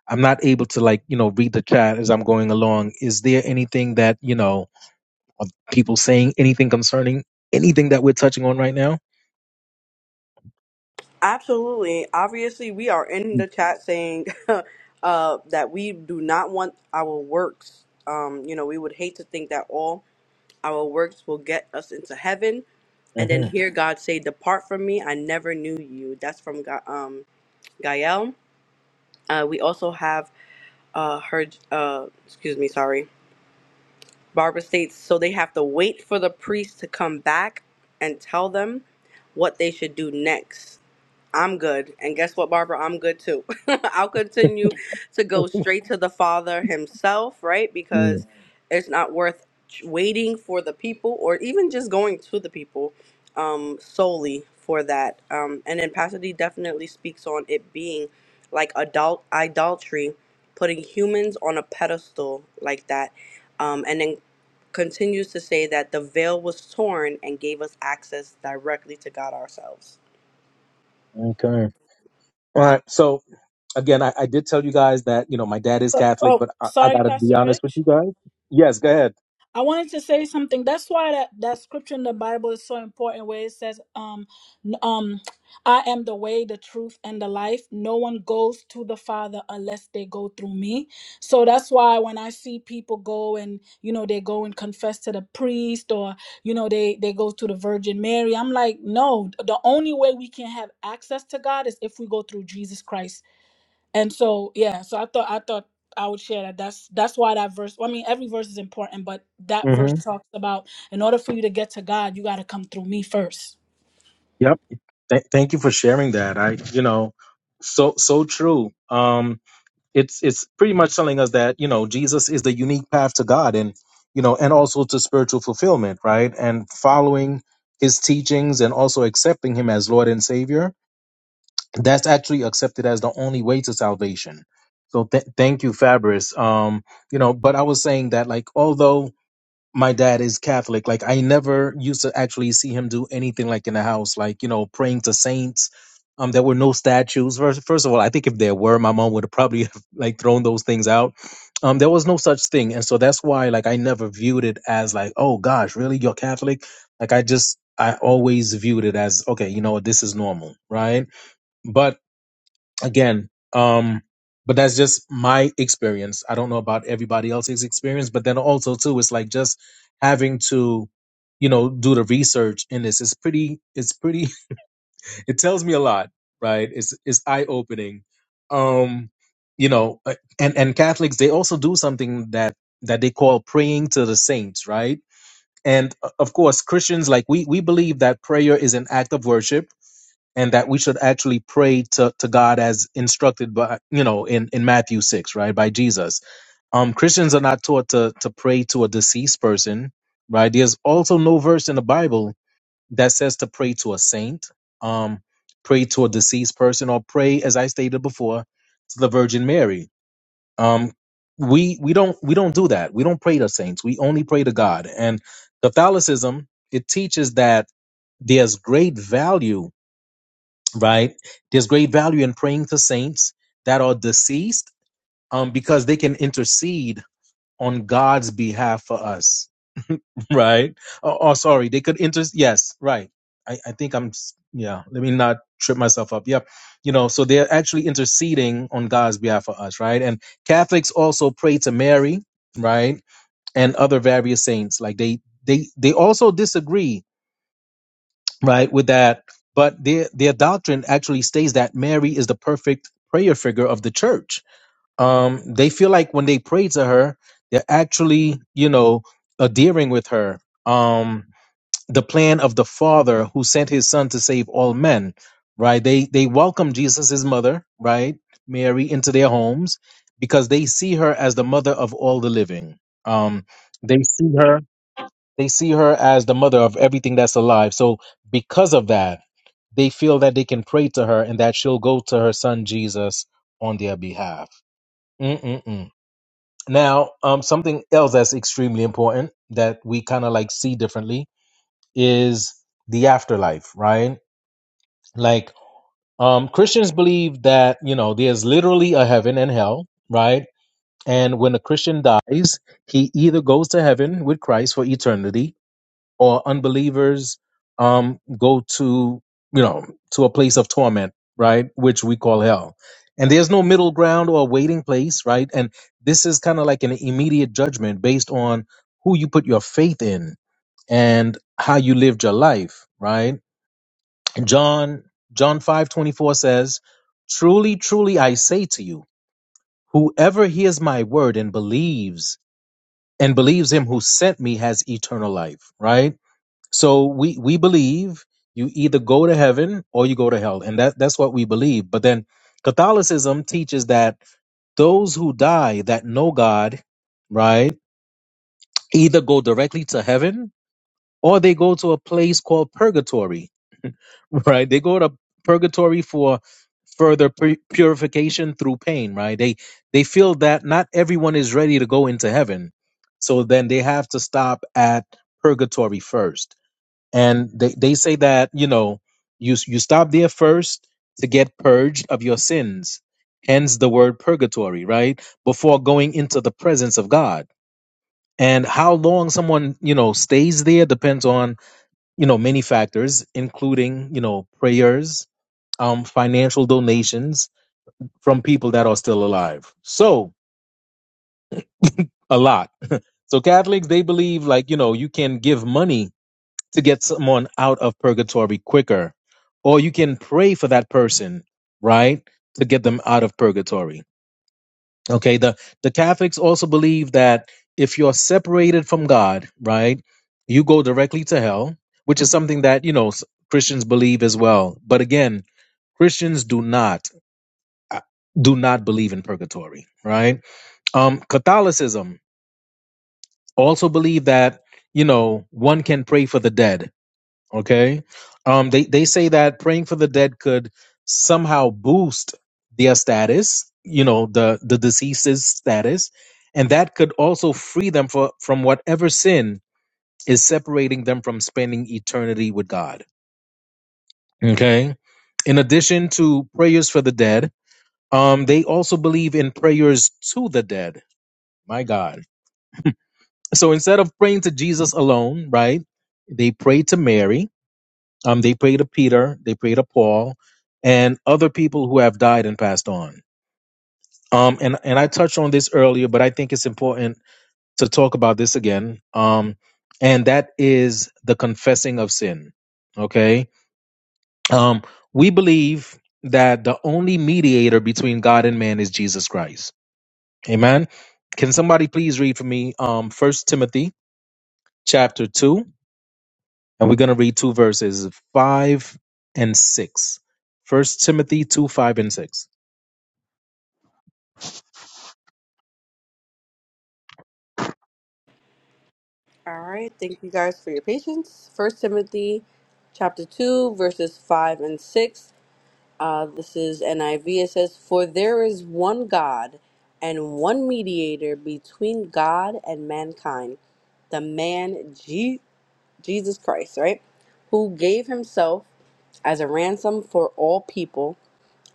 Speaker 7: I'm not able to like, you know, read the chat as I'm going along. Is there anything that, you know, are people saying anything concerning anything that we're touching on right now?
Speaker 1: Absolutely. Obviously, we are in the chat saying uh, that we do not want our works. Um, you know, we would hate to think that all our works will get us into heaven, and then hear God say, "Depart from me, I never knew you." That's from Ga- um, Gael. Uh, we also have uh, her. Uh, excuse me, sorry. Barbara states so they have to wait for the priest to come back and tell them what they should do next. I'm good. And guess what, Barbara? I'm good too. I'll continue to go straight to the Father Himself, right?
Speaker 7: hmm
Speaker 1: Because it's not worth waiting for the people or even just going to the people um, solely for that. Um, and then Pastor D definitely speaks on it being like adult idolatry, putting humans on a pedestal like that. Um, and then continues to say that the veil was torn and gave us access directly to God ourselves.
Speaker 7: Okay. All right. So again, I, I did tell you guys that you know my dad is
Speaker 2: So-
Speaker 7: Catholic,
Speaker 2: Oh,
Speaker 7: but I, I
Speaker 2: sorry,
Speaker 7: gotta be
Speaker 2: Pastor
Speaker 7: honest with
Speaker 2: Rich.
Speaker 7: you guys. Yes, go ahead.
Speaker 2: I wanted to say something. That's why that, that scripture in the Bible is so important where it says, um, n- um, I am the way, the truth, and the life. No one goes to the Father unless they go through me. So that's why when I see people go and, you know, they go and confess to the priest or, you know, they, they go to the Virgin Mary, I'm like, no, the only way we can have access to God is if we go through Jesus Christ. And so yeah, so I thought I thought I would share that. That's that's why that verse. I mean, every verse is important, but that verse
Speaker 7: hmm
Speaker 2: talks about in order for you to get to God, you got to come through me first.
Speaker 7: Yep. Th- thank you for sharing that. I, you know, so so true. Um, it's it's pretty much telling us that you know Jesus is the unique path to God, and you know, and also to spiritual fulfillment, right? And following His teachings and also accepting Him as Lord and Savior. That's actually accepted as the only way to salvation. So th- thank you, Fabrice. Um, you know, but I was saying that like although my dad is Catholic. Like I never used to actually see him do anything like in the house, like you know, praying to saints. Um, there were no statues. First, first of all, I think if there were, my mom would have probably have, like thrown those things out. Um, there was no such thing, and so that's why like I never viewed it as like, oh gosh, really, you're Catholic? Like I just I always viewed it as okay, you know what, this is normal, right? But again um but that's just my experience i don't know about everybody else's experience but then also too it's like just having to you know do the research in this it's pretty it's pretty it tells me a lot right it's it's eye opening um you know uh, and and catholics they also do something that that they call praying to the saints right and uh, of course christians like we we believe that prayer is an act of worship and that we should actually pray to, to God as instructed by you know in, in Matthew six, right, by Jesus. Um Christians are not taught to to pray to a deceased person, right? There's also no verse in the Bible that says to pray to a saint, um, pray to a deceased person, or pray, as I stated before, to the Virgin Mary. Um we we don't we don't do that. We don't pray to saints. We only pray to God. And Catholicism, it teaches that there's great value right? There's great value in praying to saints that are deceased um, because they can intercede on God's behalf for us, right? Oh, oh, sorry, they could inter. Yes, right. I, I think I'm, s- yeah, let me not trip myself up. Yep. You know, so they're actually interceding on God's behalf for us, right? And Catholics also pray to Mary, right? And other various saints. Like they, they, they also disagree right with that but their their doctrine actually states that mary is the perfect prayer figure of the church um they feel like when they pray to her they're actually you know adhering with her um the plan of the father who sent his son to save all men right they they welcome jesus his mother right mary into their homes because they see her as the mother of all the living um they see her they see her as the mother of everything that's alive. So because of that, they feel that they can pray to her and that she'll go to her son Jesus on their behalf. Mm-mm-mm. Now, um, something else that's extremely important that we kind of like see differently is the afterlife, right? Like, um, Christians believe that you know there's literally a heaven and hell, right? And when a Christian dies, he either goes to heaven with Christ for eternity, or unbelievers um, go to you know to a place of torment right which we call hell and there's no middle ground or waiting place right and this is kind of like an immediate judgment based on who you put your faith in and how you lived your life right john john 5 24 says truly truly i say to you whoever hears my word and believes and believes him who sent me has eternal life right so we we believe you either go to heaven or you go to hell, and that that's what we believe. But then Catholicism teaches that those who die that know God, right, either go directly to heaven or they go to a place called purgatory, right? They go to purgatory for further pur- purification through pain, right? They they feel that not everyone is ready to go into heaven, so then they have to stop at purgatory first and they, they say that you know you you stop there first to get purged of your sins hence the word purgatory right before going into the presence of god and how long someone you know stays there depends on you know many factors including you know prayers um financial donations from people that are still alive so a lot so catholics they believe like you know you can give money to get someone out of purgatory quicker. Or you can pray for that person, right? To get them out of purgatory. Okay. The the Catholics also believe that if you're separated from God, right, you go directly to hell, which is something that, you know, s- Christians believe as well. But again, Christians do not uh, do not believe in purgatory, right? Um Catholicism also believe that, you know, one can pray for the dead Okay. Um, they, they say that praying for the dead could somehow boost their status, you know, the, the deceased's status, and that could also free them for, from whatever sin is separating them from spending eternity with God. Okay. In addition to prayers for the dead, um, they also believe in prayers to the dead. My God. So instead of praying to Jesus alone, right, they pray to Mary Um, they pray to Peter, they pray to Paul, and other people who have died and passed on. Um, and and I touched on this earlier, but I think it's important to talk about this again. Um, and that is the confessing of sin. Okay. Um, we believe that the only mediator between God and man is Jesus Christ. Amen. Can somebody please read for me um First Timothy chapter two? and we're going to read two verses 5 and 6 first timothy 2 5 and 6
Speaker 1: All right. Thank you guys for your patience. First Timothy chapter 2, verses 5 and 6. Uh, this is NIV. It says, For there is one God and one mediator between God and mankind, the man Je- Jesus Christ, right? Who gave himself as a ransom for all people.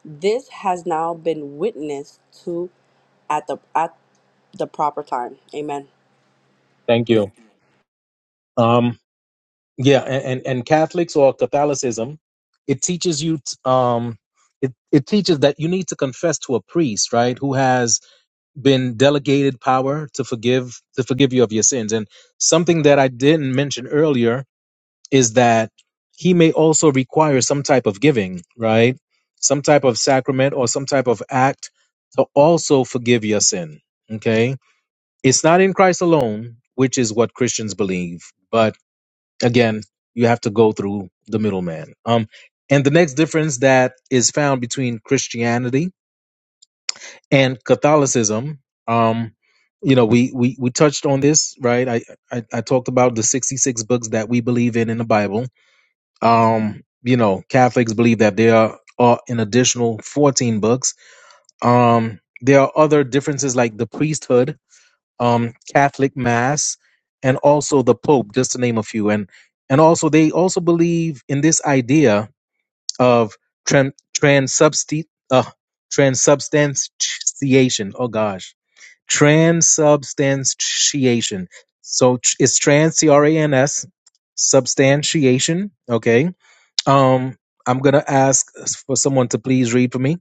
Speaker 1: This has now been witnessed to at the at the proper time. Amen.
Speaker 7: thank you um yeah and and, and catholics or catholicism it teaches you t- um it, it teaches that you need to confess to a priest right who has been delegated power to forgive to forgive you of your sins and something that i didn't mention earlier is that he may also require some type of giving, right? Some type of sacrament or some type of act to also forgive your sin. Okay. It's not in Christ alone, which is what Christians believe. But again, you have to go through the middleman. Um, and the next difference that is found between Christianity and Catholicism, um, you know, we, we, we touched on this, right? I, I, I talked about the 66 books that we believe in in the Bible um, you know, Catholics believe that there are an additional 14 books. Um, there are other differences like the priesthood, um, Catholic Mass, and also the Pope, just to name a few. And and also they also believe in this idea of tran transubsti uh, transubstantiation. Oh gosh, transubstantiation. So tr- it's trans, C R A N S, substantiation. Okay um, I'm going to ask for someone to please read for me.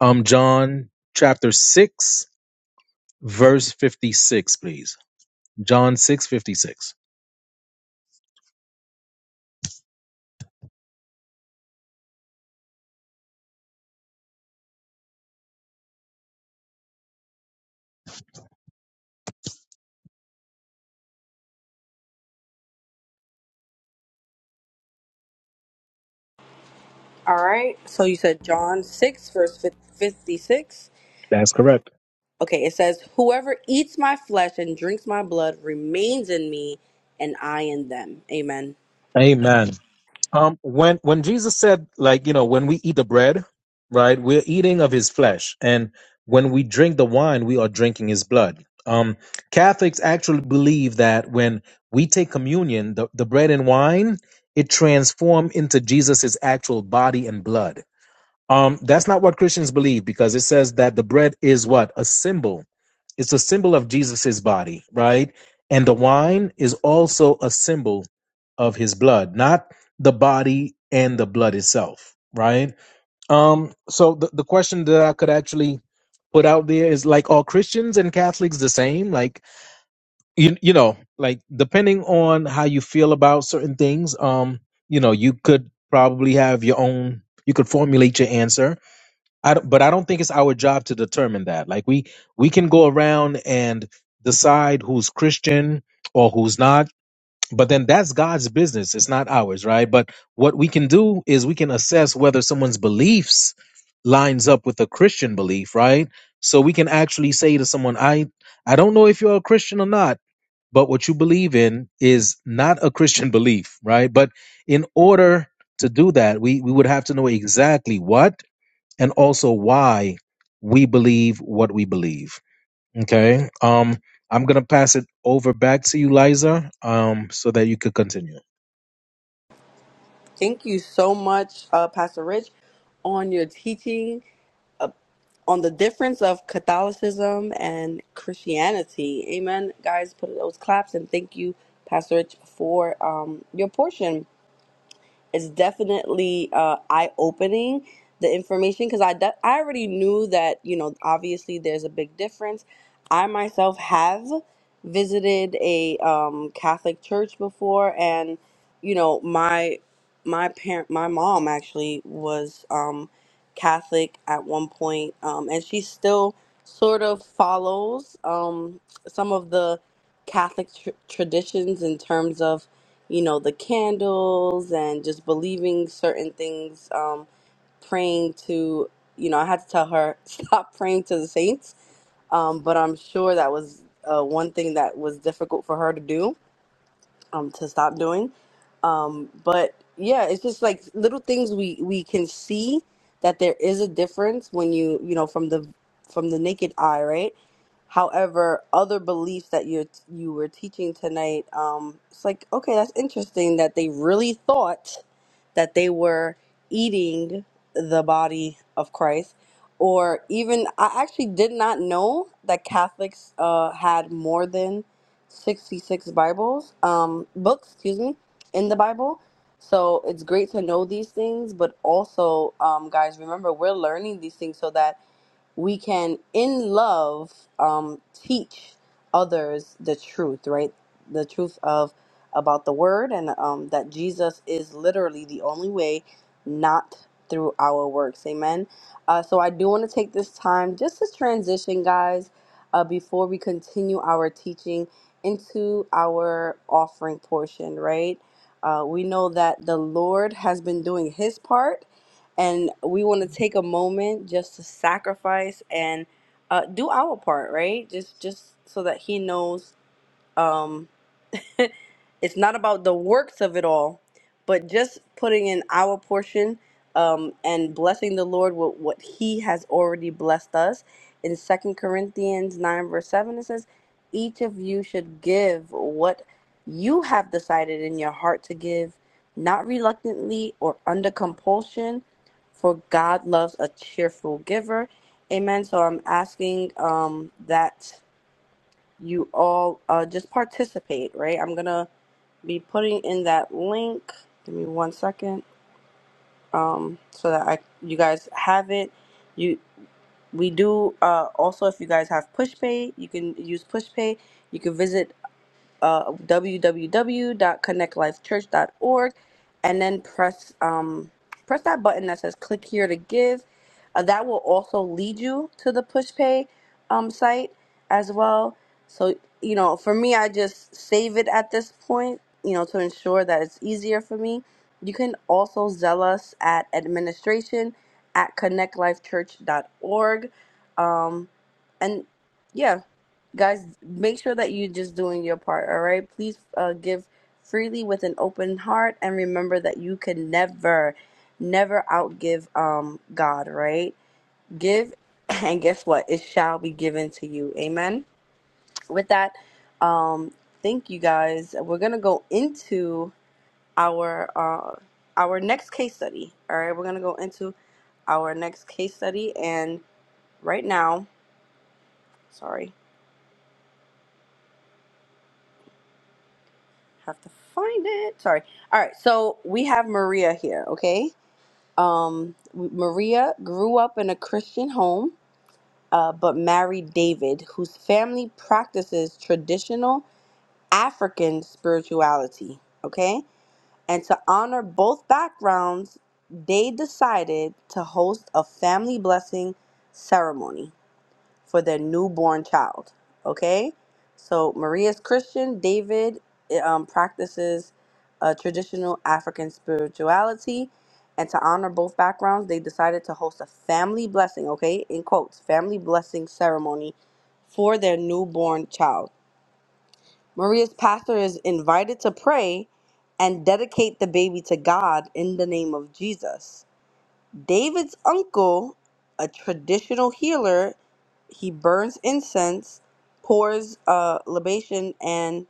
Speaker 7: Um, John chapter 6, verse 56, please. John 6 56.
Speaker 1: All right. So you said John 6, verse fif- 56.
Speaker 7: That's correct.
Speaker 1: Okay. It says, Whoever eats my flesh and drinks my blood remains in me, and I in them. Amen.
Speaker 7: Amen. Um, when, when Jesus said, like, you know, when we eat the bread, right, we're eating of his flesh. And when we drink the wine, we are drinking his blood. Um, Catholics actually believe that when we take communion, the, the bread and wine, it transform into Jesus's actual body and blood Um, that's not what Christians believe because it says that the bread is what? A symbol. It's a symbol of Jesus's body, right? And the wine is also a symbol of his blood, not the body and the blood itself, right? Um, so the, the question that I could actually put out there is like are Christians and Catholics the same? Like you you know, like depending on how you feel about certain things, um, you know, you could probably have your own you could formulate your answer I don't, but I don't think it's our job to determine that. Like we we can go around and decide who's Christian or who's not, but then that's God's business. It's not ours, right? But what we can do is we can assess whether someone's beliefs lines up with a Christian belief, right? So we can actually say to someone, "I I don't know if you're a Christian or not, but what you believe in is not a Christian belief, right?" But in order to do that, we we would have to know exactly what and also why we believe what we believe. Okay. Um, I'm going to pass it over back to you, Liza, um, so that you could continue.
Speaker 1: Thank you so much, uh, Pastor Rich, on your teaching on the difference of Catholicism and Christianity. Amen. Guys, put those claps and thank you, Pastor Rich, for um, your portion. it's definitely uh, eye opening the information because I, de- I already knew that you know obviously there's a big difference i myself have visited a um, catholic church before and you know my my parent my mom actually was um, catholic at one point um, and she still sort of follows um, some of the catholic tr- traditions in terms of you know, the candles and just believing certain things, um, praying to, you know, I had to tell her, stop praying to the saints. Um, but I'm sure that was uh, one thing that was difficult for her to do um, to stop doing. Um, but yeah, it's just like little things we we can see that there is a difference when you you know from the from the naked eye, right? However, other beliefs that you you were teaching tonight, um, it's like okay, that's interesting that they really thought that they were eating the body of Christ. Or even, I actually did not know that Catholics uh, had more than 66 Bibles, um, books, excuse me, in the Bible. So it's great to know these things, but also, um, guys, remember, we're learning these things so that we can in love um teach others the truth right the truth of about the word and um that jesus is literally the only way not through our works amen uh so i do want to take this time just to transition guys uh before we continue our teaching into our offering portion right uh we know that the lord has been doing his part and we want to take a moment just to sacrifice and uh, do our part, right? Just just so that He knows. Um, it's not about the works of it all, but just putting in our portion um, and blessing the Lord with what He has already blessed us. In Second Corinthians 9, verse 7, it says, Each of you should give what you have decided in your heart to give, not reluctantly or under compulsion, for God loves a cheerful giver. Amen. So I'm asking um, that you all uh, just participate, right? I'm going to be putting in that link. Give me one second, um, so that I you guys have it. You we do uh, also if you guys have PushPay, you can use PushPay. You can visit uh, www.connectlifechurch.org and then press um, press that button that says click here to give. Uh, that will also lead you to the PushPay um, site as well. So, you know, for me, I just save it at this point, you know, to ensure that it's easier for me. You can also zell us at administration at connectlifechurch.org. Um, and yeah guys make sure that you're just doing your part all right please uh, give freely with an open heart and remember that you can never never outgive um god right give and guess what it shall be given to you amen with that um thank you guys we're gonna go into our uh our next case study all right we're gonna go into our next case study and right now sorry have to find it. Sorry. All right. So we have Maria here. Okay. Um, Maria grew up in a Christian home, uh, but married David, whose family practices traditional African spirituality. Okay. And to honor both backgrounds, they decided to host a family blessing ceremony for their newborn child. Okay, so Maria's Christian. David eh, um, practices a traditional African spirituality, and to honor both backgrounds, they decided to host a family blessing. Okay, in quotes, family blessing ceremony for their newborn child. Maria's pastor is invited to pray and dedicate the baby to God in the name of Jesus. David's uncle, a traditional healer, he burns incense, pours uh, libation, and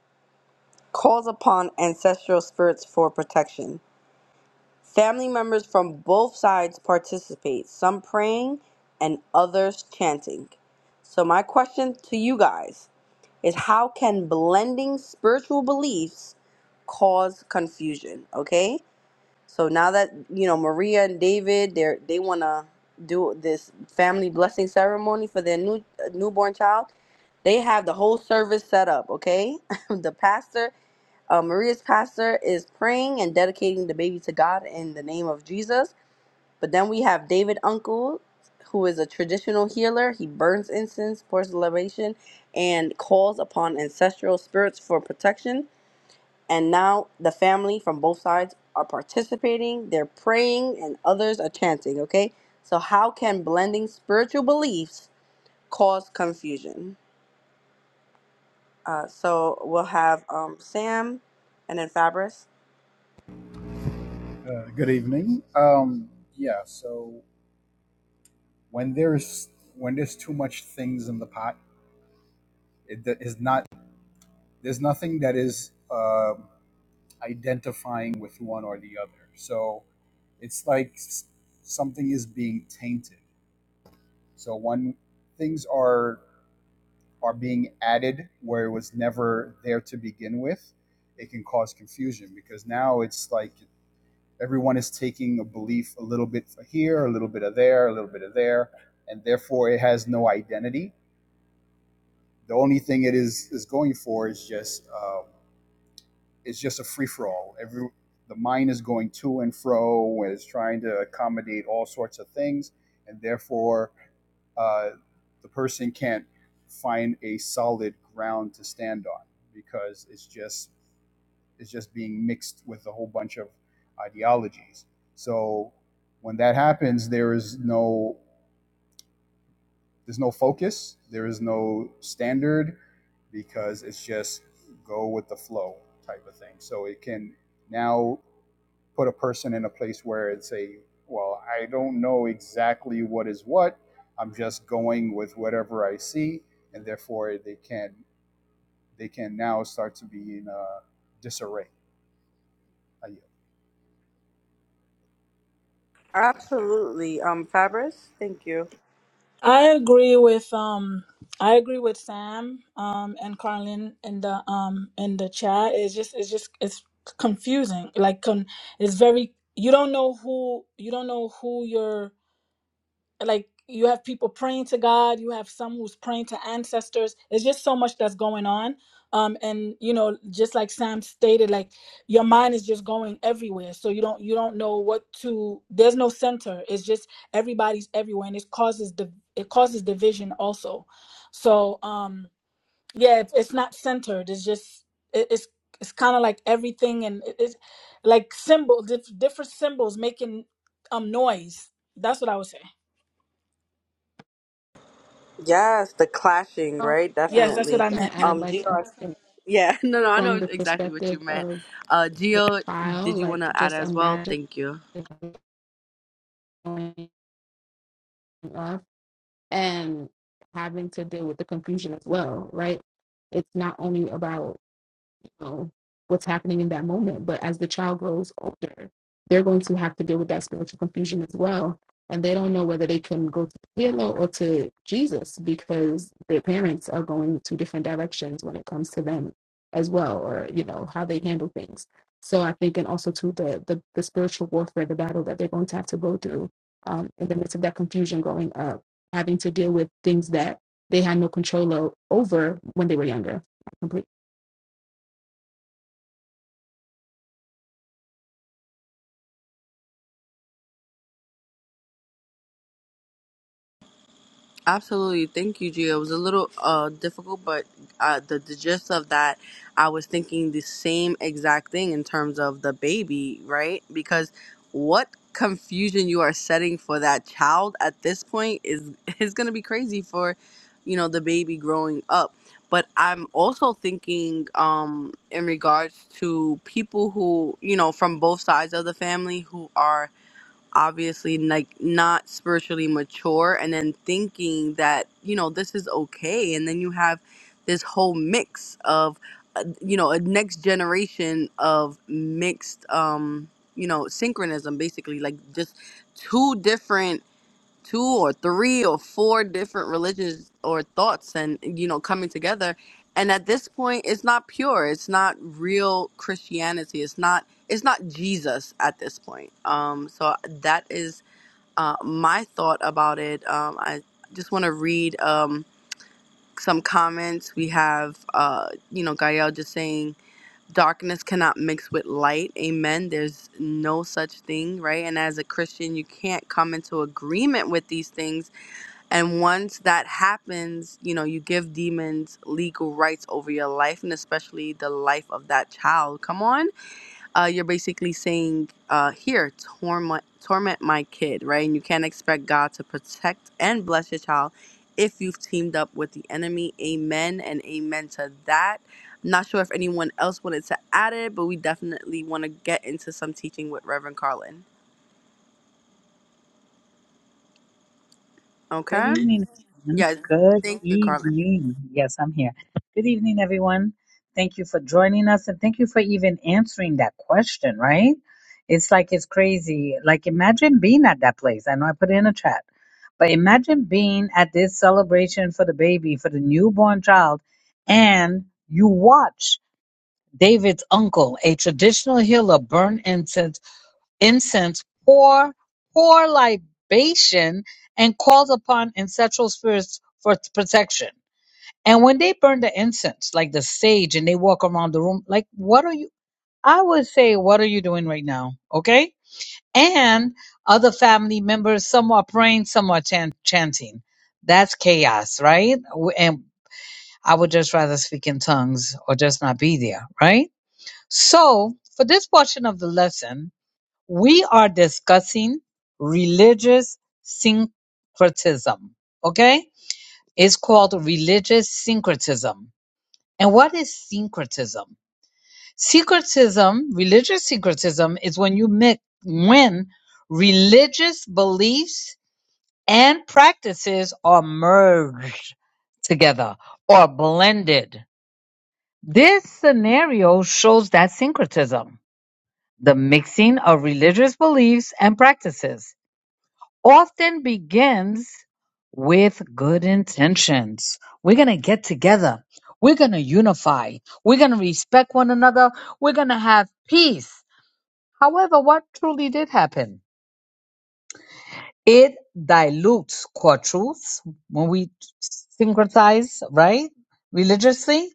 Speaker 1: calls upon ancestral spirits for protection. Family members from both sides participate, some praying and others chanting. So, my question to you guys is how can blending spiritual beliefs cause confusion? Okay? So now that you know Maria and David, they they wanna do this family blessing ceremony for their new uh, newborn child. They have the whole service set up. Okay, the pastor, uh, Maria's pastor, is praying and dedicating the baby to God in the name of Jesus. But then we have David uncle, who is a traditional healer. He burns incense, pours libation, and calls upon ancestral spirits for protection and now the family from both sides are participating, they're praying, and others are chanting, okay? So, how can blending spiritual beliefs cause confusion? Uh, so, we'll have um, Sam and then Fabris.
Speaker 8: Uh, good evening. Um, yeah. So when there's when there's too much things in the pot, it that is not. There's nothing that is um identifying with one or the other. So it's like s- something is being tainted. So when things are are being added where it was never there to begin with, it can cause confusion because now it's like everyone is taking a belief a little bit for here, a little bit of there, a little bit of there, and therefore it has no identity. The only thing it is is going for is just um, it's just a free for all. Every the mind is going to and fro, and it's trying to accommodate all sorts of things, and therefore uh, the person can't find a solid ground to stand on because it's just is just being mixed with a whole bunch of ideologies. So when that happens, there is no there's no focus, there is no standard because it's just go with the flow type of thing. So it can now put a person in a place where it's a well, I don't know exactly what is what. I'm just going with whatever I see, and therefore they can they can now start to be in a disarray. I
Speaker 1: Absolutely. Um, Fabris, thank you.
Speaker 2: I agree with um I agree with Sam um and Carlin in the um in the chat. It's just it's just it's confusing. Like con- it's very you don't know who you don't know who you're like you have people praying to God, you have some who's praying to ancestors. It's just so much that's going on. Um, and you know, just like Sam stated, like your mind is just going everywhere. So you don't you don't know what to there's no center. It's just everybody's everywhere and it causes the it causes division also. So um yeah, it's, it's not centered. It's just it, it's it's kind of like everything and it, it's like symbol diff, different symbols making um noise. That's what I would say.
Speaker 1: Yes, the clashing,
Speaker 3: Oh,
Speaker 1: right?
Speaker 3: yeah, I
Speaker 2: Yes,
Speaker 3: was
Speaker 2: that's what
Speaker 1: Definitely.
Speaker 3: just
Speaker 2: I
Speaker 3: going
Speaker 2: meant.
Speaker 3: to add,
Speaker 1: Um,
Speaker 3: like,
Speaker 1: GR.
Speaker 3: in- in-
Speaker 1: Yeah, no, no, I
Speaker 3: from
Speaker 1: know
Speaker 3: the
Speaker 1: exactly what you
Speaker 3: perspective
Speaker 1: meant.
Speaker 3: of
Speaker 1: Uh,
Speaker 3: the
Speaker 1: Gio,
Speaker 3: child,
Speaker 1: did you want
Speaker 3: like,
Speaker 1: to add
Speaker 3: just
Speaker 1: as well?
Speaker 3: imagine
Speaker 1: Thank you.
Speaker 3: going on and having to deal with the confusion as well, right? It's not only about know what's happening in that moment. But as the child grows older, they're going to have to deal with that spiritual confusion as well. And they don't know whether they can go to Halo or to Jesus because their parents are going two different directions when it comes to them as well, or you know, how they handle things. So I think and also to the the, the spiritual warfare, the battle that they're going to have to go through um, in the midst of that confusion growing up, having to deal with things that they had no control o- over when they were younger. I completely
Speaker 1: Absolutely. Thank you, Gia. It was a little uh, difficult, but uh, the, the gist of that, I was thinking the same exact thing in terms of the baby, right? Because what confusion you are setting for that child at this point is is going to be crazy for, you know, the baby growing up. But I'm also thinking um, in regards to people who, you know, from both sides of the family who are obviously like not spiritually mature and then thinking that you know this is okay and then you have this whole mix of uh, you know a next generation of mixed um you know synchronism basically like just two different two or three or four different religions or thoughts and you know coming together and at this point it's not pure it's not real christianity it's not it's not jesus at this point um so that is uh my thought about it um i just want to read um some comments we have uh you know gael just saying darkness cannot mix with light amen there's no such thing right and as a christian you can't come into agreement with these things and once that happens, you know, you give demons legal rights over your life and especially the life of that child. Come on. Uh, you're basically saying, uh, here, torment, torment my kid, right? And you can't expect God to protect and bless your child if you've teamed up with the enemy. Amen and amen to that. I'm not sure if anyone else wanted to add it, but we definitely want to get into some teaching with Reverend Carlin.
Speaker 5: Good
Speaker 1: Okay?
Speaker 5: evening, everyone.
Speaker 1: Yes.
Speaker 5: Good
Speaker 1: Thank you, Carlin.
Speaker 5: evening. Yes, I'm here. Good evening, everyone. Thank you for joining us and thank you for even answering that question, right? It's like it's crazy. Like, imagine being at that place. I know I put it in a chat, but imagine being at this celebration for the baby, for the newborn child, and you watch. David's uncle, a traditional healer, burned incense, incense pour, pour libation, and called upon ancestral spirits for protection. And when they burn the incense, like the sage, and they walk around the room, like, what are you? I would say, what are you doing right now? Okay? And other family members, some are praying, some are chan- chanting. That's chaos, right? W- And I would just rather speak in tongues or just not be there, right? So, for this portion of the lesson, we are discussing religious syncretism. Okay? It's called religious syncretism. And what is syncretism? Syncretism, religious syncretism, is when you mix, when religious beliefs and practices are merged together or blended. This scenario shows that syncretism. The mixing of religious beliefs and practices often begins with good intentions. We're going to get together. We're going to unify. We're going to respect one another. We're going to have peace. However, what truly did happen? It dilutes core truths when we syncretize, right? Religiously.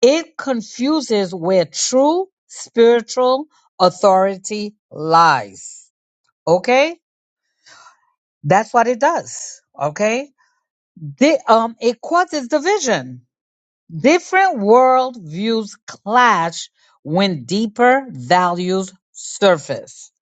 Speaker 5: It confuses where true spiritual authority lies. Okay? That's what it does. Okay. The, um, it causes division. Different worldviews clash when deeper values surface.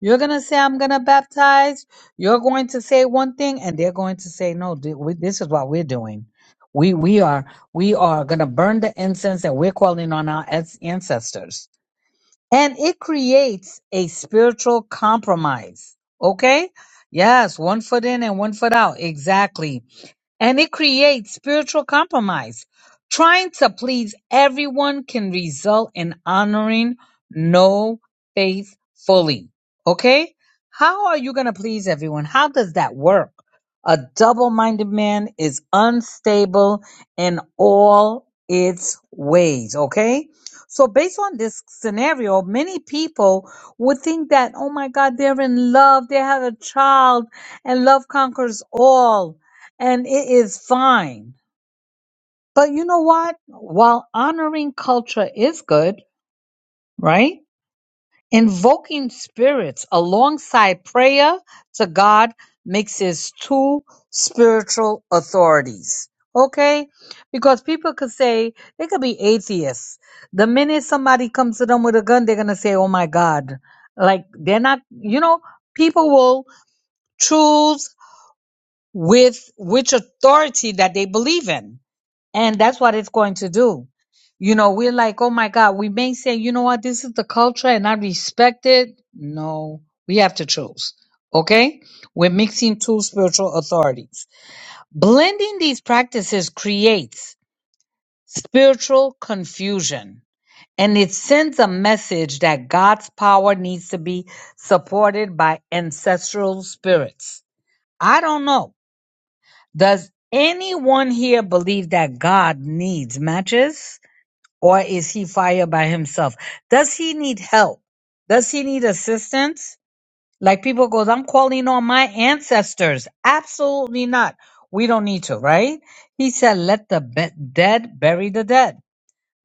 Speaker 5: You're going to say, I'm going to baptize. You're going to say one thing and they're going to say, no, th- we, this is what we're doing. We, we are, we are going to burn the incense and we're calling on our ans- ancestors and it creates a spiritual compromise. Okay? Yes, one foot in and one foot out. Exactly and it creates spiritual compromise. Trying to please everyone can result in honoring no faith fully. Okay? How are you going to please everyone? How does that work? A double minded man is unstable in all its ways. Okay? So, based on this scenario, many people would think that, oh my God, they're in love, they have a child, and love conquers all and it is fine. But you know what? While honoring culture is good, right? Invoking spirits alongside prayer to God makes his two spiritual authorities. Okay? Because people could say, they could be atheists. The minute somebody comes to them with a gun, they're going to say, oh my God. Like, they're not, you know, people will choose with which authority that they believe in And that's what it's going to do. You know, we're like, oh my God, we may say, you know what, this is the culture and I respect it. No, we have to choose. Okay? We're mixing two spiritual authorities. Blending these practices creates spiritual confusion and it sends a message that God's power needs to be supported by ancestral spirits. I don't know. Does anyone here believe that God needs matches? or is he fired by himself? Does he need help? Does he need assistance? Like people goes, I'm calling on my ancestors. Absolutely not. We don't need to, right? He said, let the be- dead bury the dead.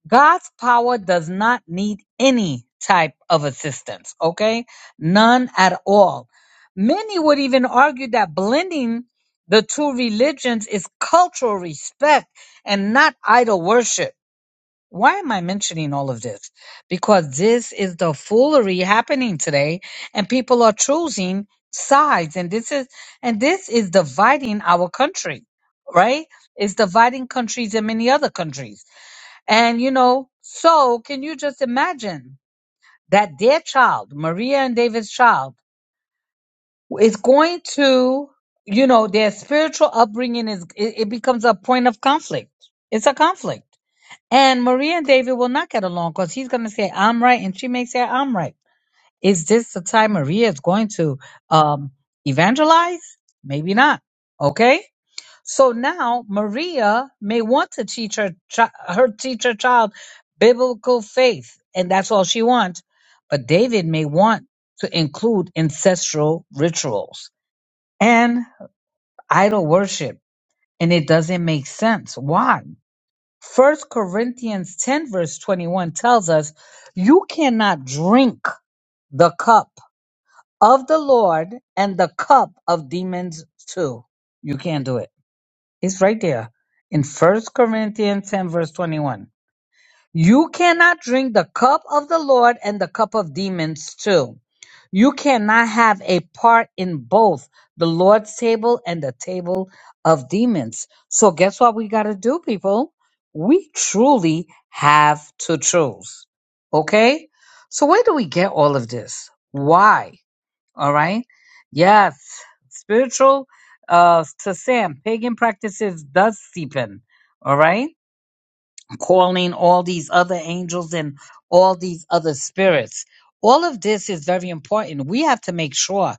Speaker 5: God's power does not need any type of assistance, okay? None at all. Many would even argue that blending the two religions is cultural respect and not idol worship. Why am I mentioning all of this? Because this is the foolery happening today and people are choosing sides and this is and this is dividing our country, right? It's dividing countries and many other countries. And you know, so can you just imagine that their child, Maria and David's child, is going to, you know, their spiritual upbringing is it, it becomes a point of conflict. It's a conflict and Maria and David will not get along because he's going to say, I'm right. And she may say, I'm right. Is this the time Maria is going to um, evangelize? Maybe not. Okay. So now Maria may want to teach her, chi- her teach her child biblical faith, and that's all she wants. But David may want to include ancestral rituals and idol worship, and it doesn't make sense. Why? First Corinthians 10 verse 21 tells us you cannot drink the cup of the Lord and the cup of demons too. You can't do it. It's right there in First Corinthians 10 verse 21. You cannot drink the cup of the Lord and the cup of demons too. You cannot have a part in both the Lord's table and the table of demons. So, guess what we got to do, people? We truly have to choose. Okay? So, where do we get all of this? Why? All right? Yes, spiritual uh, to Sam, pagan practices does seep in. All right? calling all these other angels and all these other spirits. All of this is very important. We have to make sure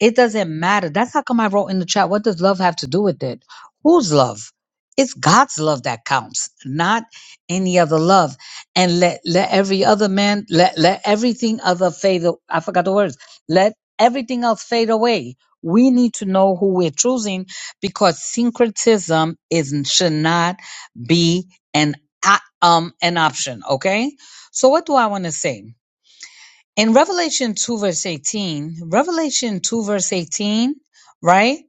Speaker 5: it doesn't matter. That's how come I wrote in the chat, what does love have to do with it? Whose love? It's God's love that counts, not any other love. And let let every other man, let let everything other fade. a- I forgot the words. Let everything else fade away. We need to know who we're choosing because syncretism is should not be an o- um an option. Okay. So what do I want to say? in Revelation 2 verse 18, Revelation 2 verse 18, right?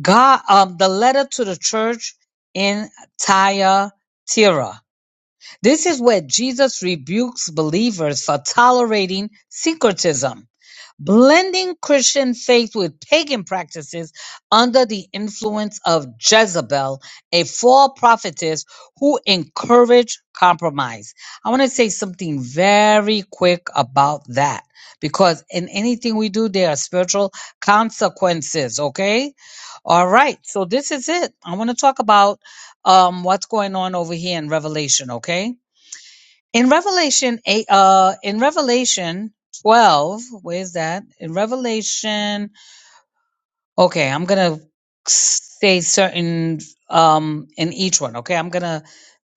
Speaker 5: God, um, the letter to the church in Thyatira. This is where Jesus rebukes believers for tolerating syncretism blending Christian faith with pagan practices under the influence of Jezebel, a false prophetess who encouraged compromise. I want to say something very quick about that because in anything we do, there are spiritual consequences, okay? All right, so this is it. I want to talk about um, what's going on over here in Revelation, okay? in Revelation eight, uh, in Revelation twelve, where's that? In Revelation, okay, I'm gonna say certain um in each one. Okay, I'm gonna.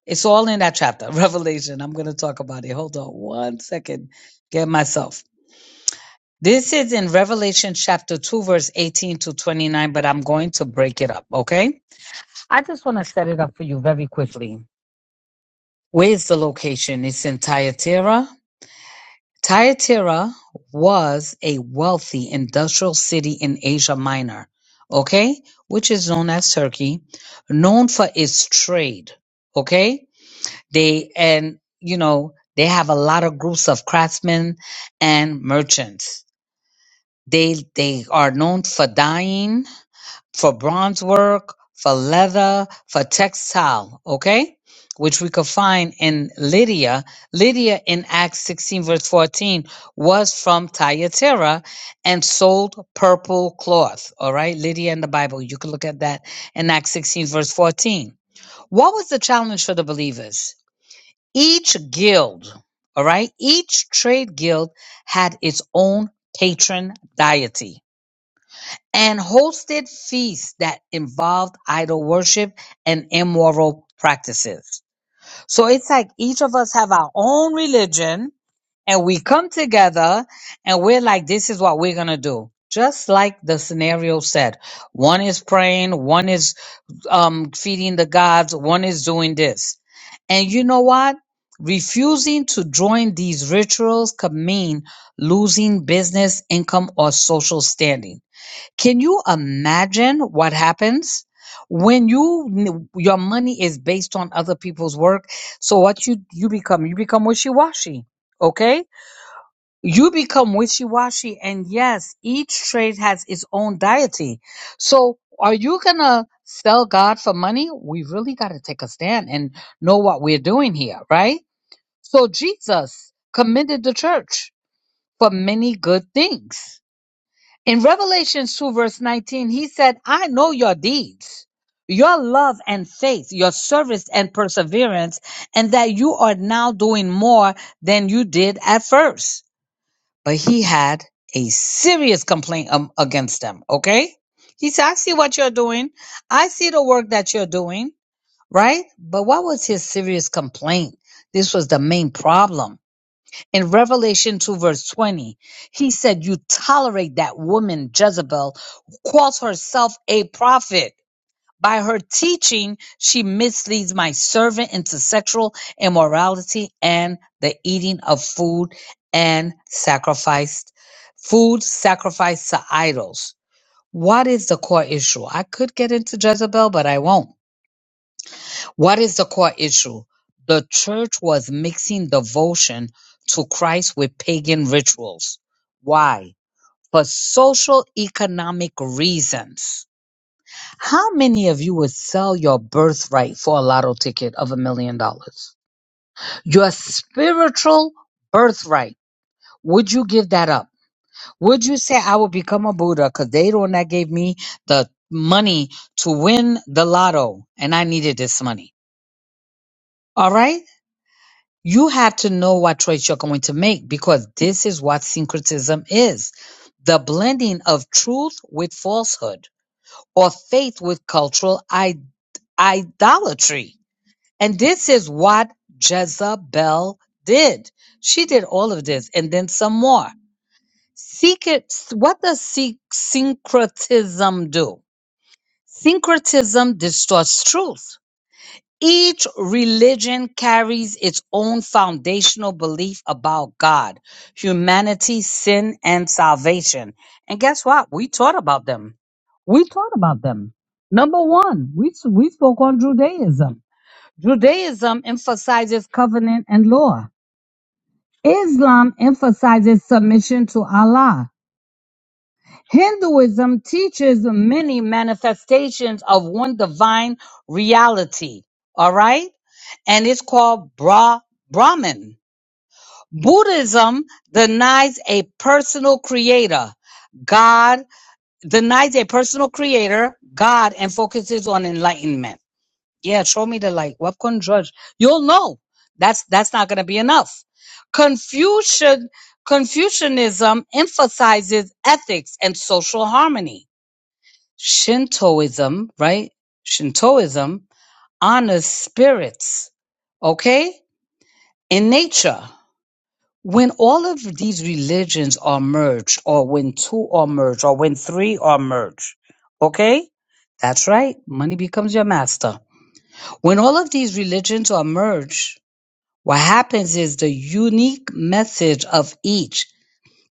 Speaker 5: It's all in that chapter, Revelation. I'm gonna talk about it. Hold on one second. Get myself. This is in Revelation chapter 2, verse 18 to 29, but I'm going to break it up, okay? I just want to set it up for you very quickly. Where's the location? It's in Thyatira. Thyatira was a wealthy industrial city in Asia Minor, okay, which is known as Turkey, known for its trade, okay? They and you know, they have a lot of groups of craftsmen and merchants. They they are known for dyeing for bronze work, for leather, for textile, okay? Which we could find in Lydia. Lydia in Acts 16, verse 14, was from Thyatira and sold purple cloth, all right? Lydia in the Bible. You can look at that in Acts 16, verse 14. What was the challenge for the believers? Each guild, all right? Each trade guild had its own patron deity and hosted feasts that involved idol worship and immoral practices. So it's like each of us have our own religion and we come together and we're like, this is what we're going to do. Just like the scenario said, one is praying, one is um, feeding the gods, one is doing this. And you know what? Refusing to join these rituals could mean losing business, income, or social standing can you imagine what happens when you your money is based on other people's work? So what you you become? You become wishy-washy. Okay? You become wishy-washy and yes, each trade has its own deity. So are you going to sell God for money? We really got to take a stand and know what we're doing here, right? So Jesus commended the church for many good things. In Revelation 2, verse 19, he said, I know your deeds, your love and faith, your service and perseverance, and that you are now doing more than you did at first. But he had a serious complaint um, against them, okay? He said, I see what you're doing. I see the work that you're doing, right? But what was his serious complaint? This was the main problem. In Revelation 2, verse 20, he said, You tolerate that woman, Jezebel, who calls herself a prophet. By her teaching, she misleads my servant into sexual immorality and the eating of food and sacrificed food sacrificed to idols. What is the core issue? I could get into Jezebel, but I won't. What is the core issue? The church was mixing devotion to Christ with pagan rituals. Why? For social economic reasons. How many of you would sell your birthright for a lotto ticket of a million dollars? Your spiritual birthright. Would you give that up? Would you say, I will become a Buddha because they the one that gave me the money to win the lotto and I needed this money? All right? You have to know what choice you're going to make because this is what syncretism is the blending of truth with falsehood or faith with cultural I- idolatry. And this is what Jezebel did. She did all of this and then some more. Secret, what does syn- syncretism do? Syncretism distorts truth each religion carries its own foundational belief about God, humanity, sin, and salvation. And guess what? We taught about them. We taught about them. Number one, we, we spoke on Judaism. Judaism emphasizes covenant and law. Islam emphasizes submission to Allah. Hinduism teaches many manifestations of one divine reality, all right? And it's called Bra- Brahman. Buddhism denies a personal creator, God, denies a personal creator, God, and focuses on enlightenment. Yeah, show me the light. What can judge? You'll know. That's that's not gonna be enough. Confucian Confucianism emphasizes ethics and social harmony Shintoism, right? Shintoism honors spirits, okay? In nature. When all of these religions are merged, or when two are merged, or when three are merged, okay? That's right. Money becomes your master. When all of these religions are merged, what happens is the unique message of each,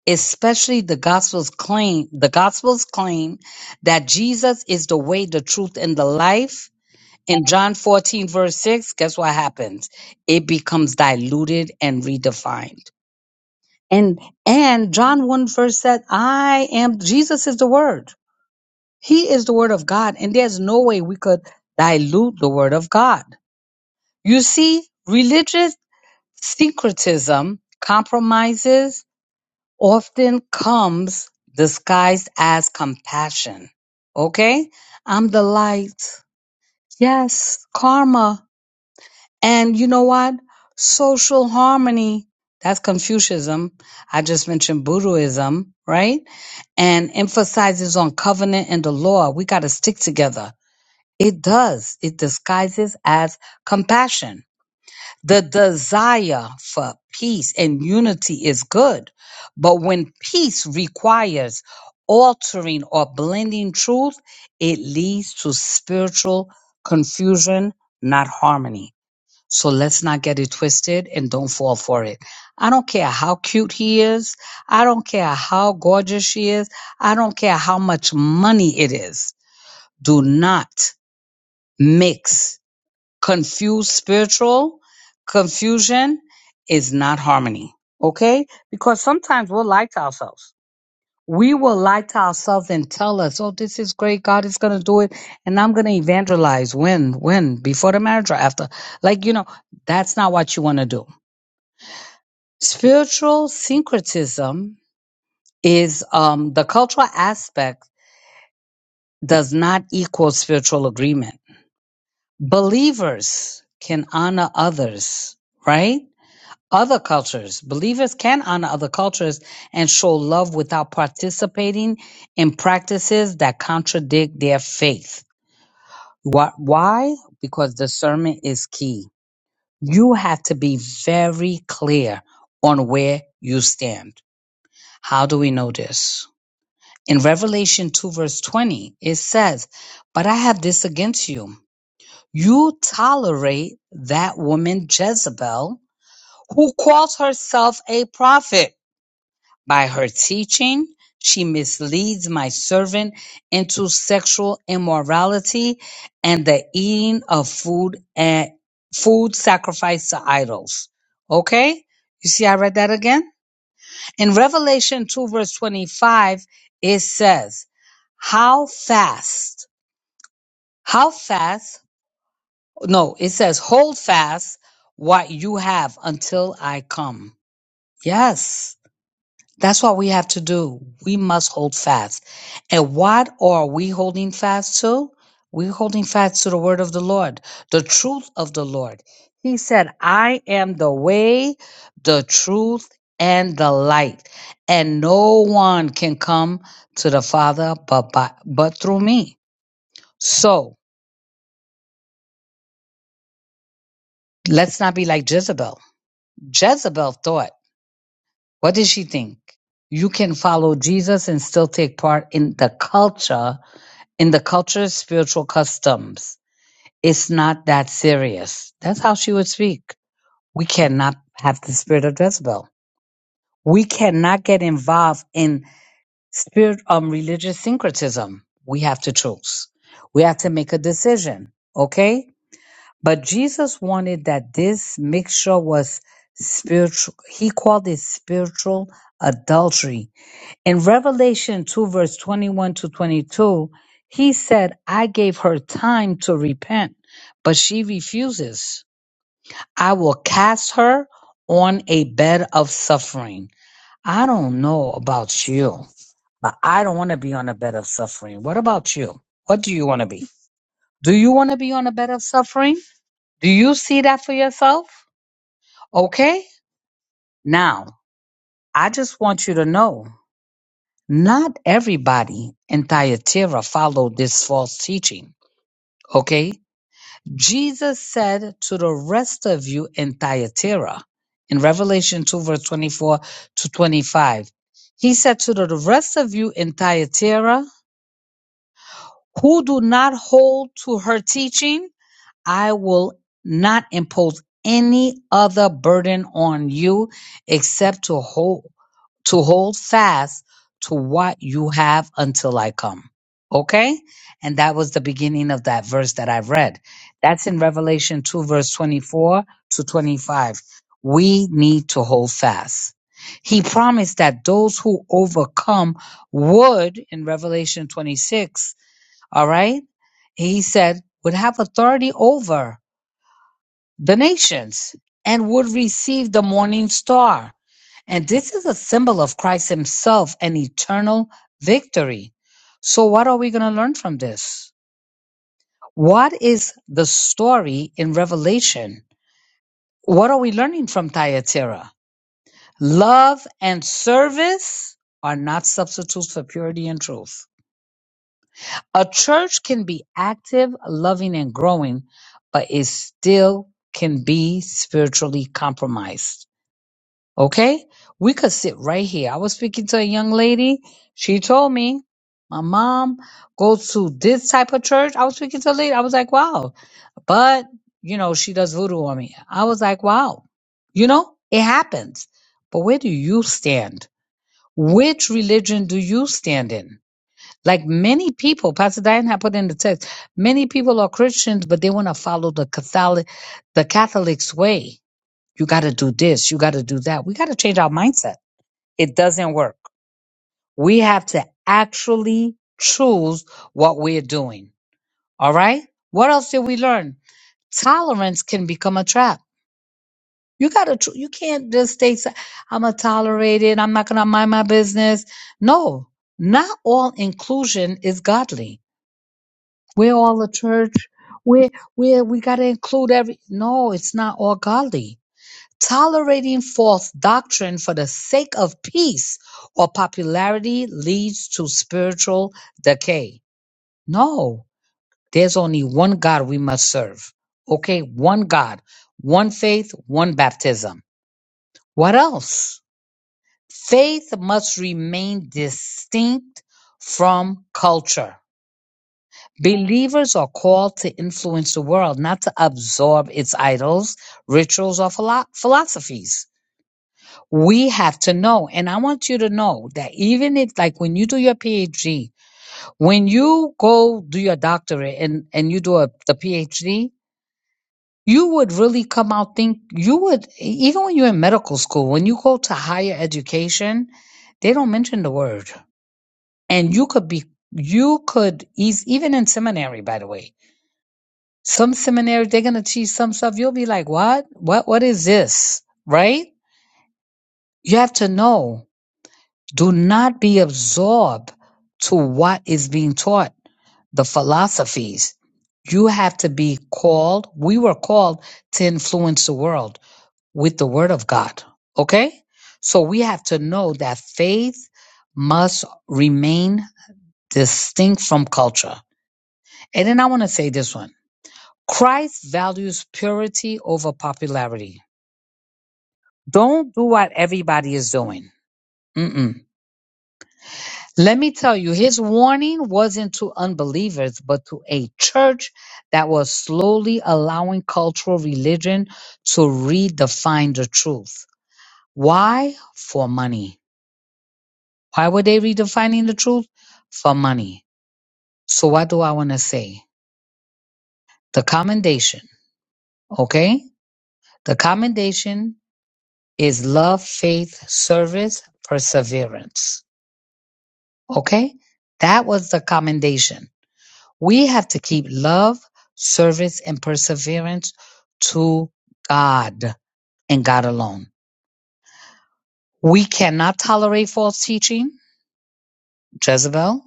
Speaker 5: especially the gospel's claim, the gospel's claim that Jesus is the way, the truth, and the life in John 14, verse 6, guess what happens? It becomes diluted and redefined. And and John 1 verse said, I am Jesus is the word. He is the word of God. And there's no way we could dilute the word of God. You see, religious syncretism compromises often comes disguised as compassion. Okay? I'm the light. Yes, karma. And you know what? Social harmony, that's Confucianism. I just mentioned Buddhism, right? And emphasizes on covenant and the law. We got to stick together. It does. It disguises as compassion. The desire for peace and unity is good. But when peace requires altering or blending truth, it leads to spiritual confusion, not harmony. So let's not get it twisted and don't fall for it. I don't care how cute he is. I don't care how gorgeous she is. I don't care how much money it is. Do not mix. Confuse spiritual confusion is not harmony. Okay? Because sometimes we'll lie to ourselves. We will lie to ourselves and tell us, oh, this is great. God is going to do it. And I'm going to evangelize when, when, before the marriage or after. Like, you know, that's not what you want to do. Spiritual syncretism is um, the cultural aspect does not equal spiritual agreement. Believers can honor others, right? Other cultures, believers can honor other cultures and show love without participating in practices that contradict their faith. Wh- Why? Because discernment is key. You have to be very clear on where you stand. How do we know this? In Revelation 2, verse 20, it says, But I have this against you. You tolerate that woman Jezebel, who calls herself a prophet. By her teaching, she misleads my servant into sexual immorality and the eating of food and food sacrificed to idols. Okay? You see, I read that again. In Revelation 2, verse 25, it says, How fast, how fast, no, it says, Hold fast what you have until I come. Yes. That's what we have to do. We must hold fast. And what are we holding fast to? We're holding fast to the word of the Lord, the truth of the Lord. He said, I am the way, the truth, and the light. And no one can come to the Father but by, but through me. So let's not be like Jezebel. Jezebel thought, what did she think? You can follow Jesus and still take part in the culture in the culture, spiritual customs. It's not that serious. That's how she would speak. We cannot have the spirit of Jezebel. We cannot get involved in spirit um religious syncretism. We have to choose. We have to make a decision. Okay? But Jesus wanted that this mixture was spiritual he called it spiritual adultery in Revelation 2, verse 21 to 22, he said, I gave her time to repent, but she refuses. I will cast her on a bed of suffering. I don't know about you, but I don't want to be on a bed of suffering. What about you? What do you want to be? Do you want to be on a bed of suffering? Do you see that for yourself? Okay. Now, I just want you to know Not everybody in Thyatira followed this false teaching, okay? Jesus said to the rest of you in Thyatira, in Revelation 2, verse 24 to 25, he said to the rest of you in Thyatira who do not hold to her teaching I will not impose any other burden on you except to hold to hold fast to what you have until I come. Okay? And that was the beginning of that verse that I read. That's in Revelation 2, verse 24 to 25. We need to hold fast. He promised that those who overcome would, in Revelation 26, all right. He said, would have authority over the nations and would receive the morning star. And this is a symbol of Christ himself and eternal victory. So, what are we going to learn from this? What is the story in Revelation? What are we learning from Thyatira? Love and service are not substitutes for purity and truth. A church can be active, loving, and growing, but it still can be spiritually compromised. Okay? We could sit right here. I was speaking to a young lady. She told me, my mom goes to this type of church. I was speaking to a lady. I was like, wow. But, you know, she does voodoo on me. I was like, wow. You know, it happens. But where do you stand? Which religion do you stand in? Like many people, Pastor Diane had put in the text, many people are Christians, but they want to follow the Catholic, the Catholic's way. You got to do this. You got to do that. We got to change our mindset. It doesn't work. We have to actually choose what we're doing. All right. What else did we learn? Tolerance can become a trap. You got to, tr- you can't just stay, si- I'm a tolerate it. I'm not going to mind my business. No, not all inclusion is godly We're all the church. We're, we're, we got to include every. No, it's not all godly. Tolerating false doctrine for the sake of peace or popularity leads to spiritual decay. No, there's only one God we must serve. Okay, one God, one faith, one baptism. What else? Faith must remain distinct from culture Believers are called to influence the world, not to absorb its idols, rituals, or philo- philosophies. We have to know. And I want you to know that even if, like, when you do your PhD, when you go do your doctorate and, and you do a, the PhD, you would really come out think you would, even when you're in medical school, when you go to higher education, they don't mention the word. And you could be, you could, eas- even in seminary, by the way, Some seminary, they're gonna teach some stuff. You'll be like, what? What what is this? Right? You have to know. Do not be absorbed to what is being taught, the philosophies. You have to be called. We were called to influence the world with the word of God. Okay? So we have to know that faith must remain distinct from culture. And then I want to say this one. Christ values purity over popularity. Don't do what everybody is doing. Mm-mm. Let me tell you, his warning wasn't to unbelievers, but to a church that was slowly allowing cultural religion to redefine the truth. Why? For money. Why were they redefining the truth? For money. So, what do I want to say? The commendation, okay? The commendation is love, faith, service, perseverance, okay? That was the commendation We have to keep love, service, and perseverance to God and God alone. We cannot tolerate false teaching, Jezebel,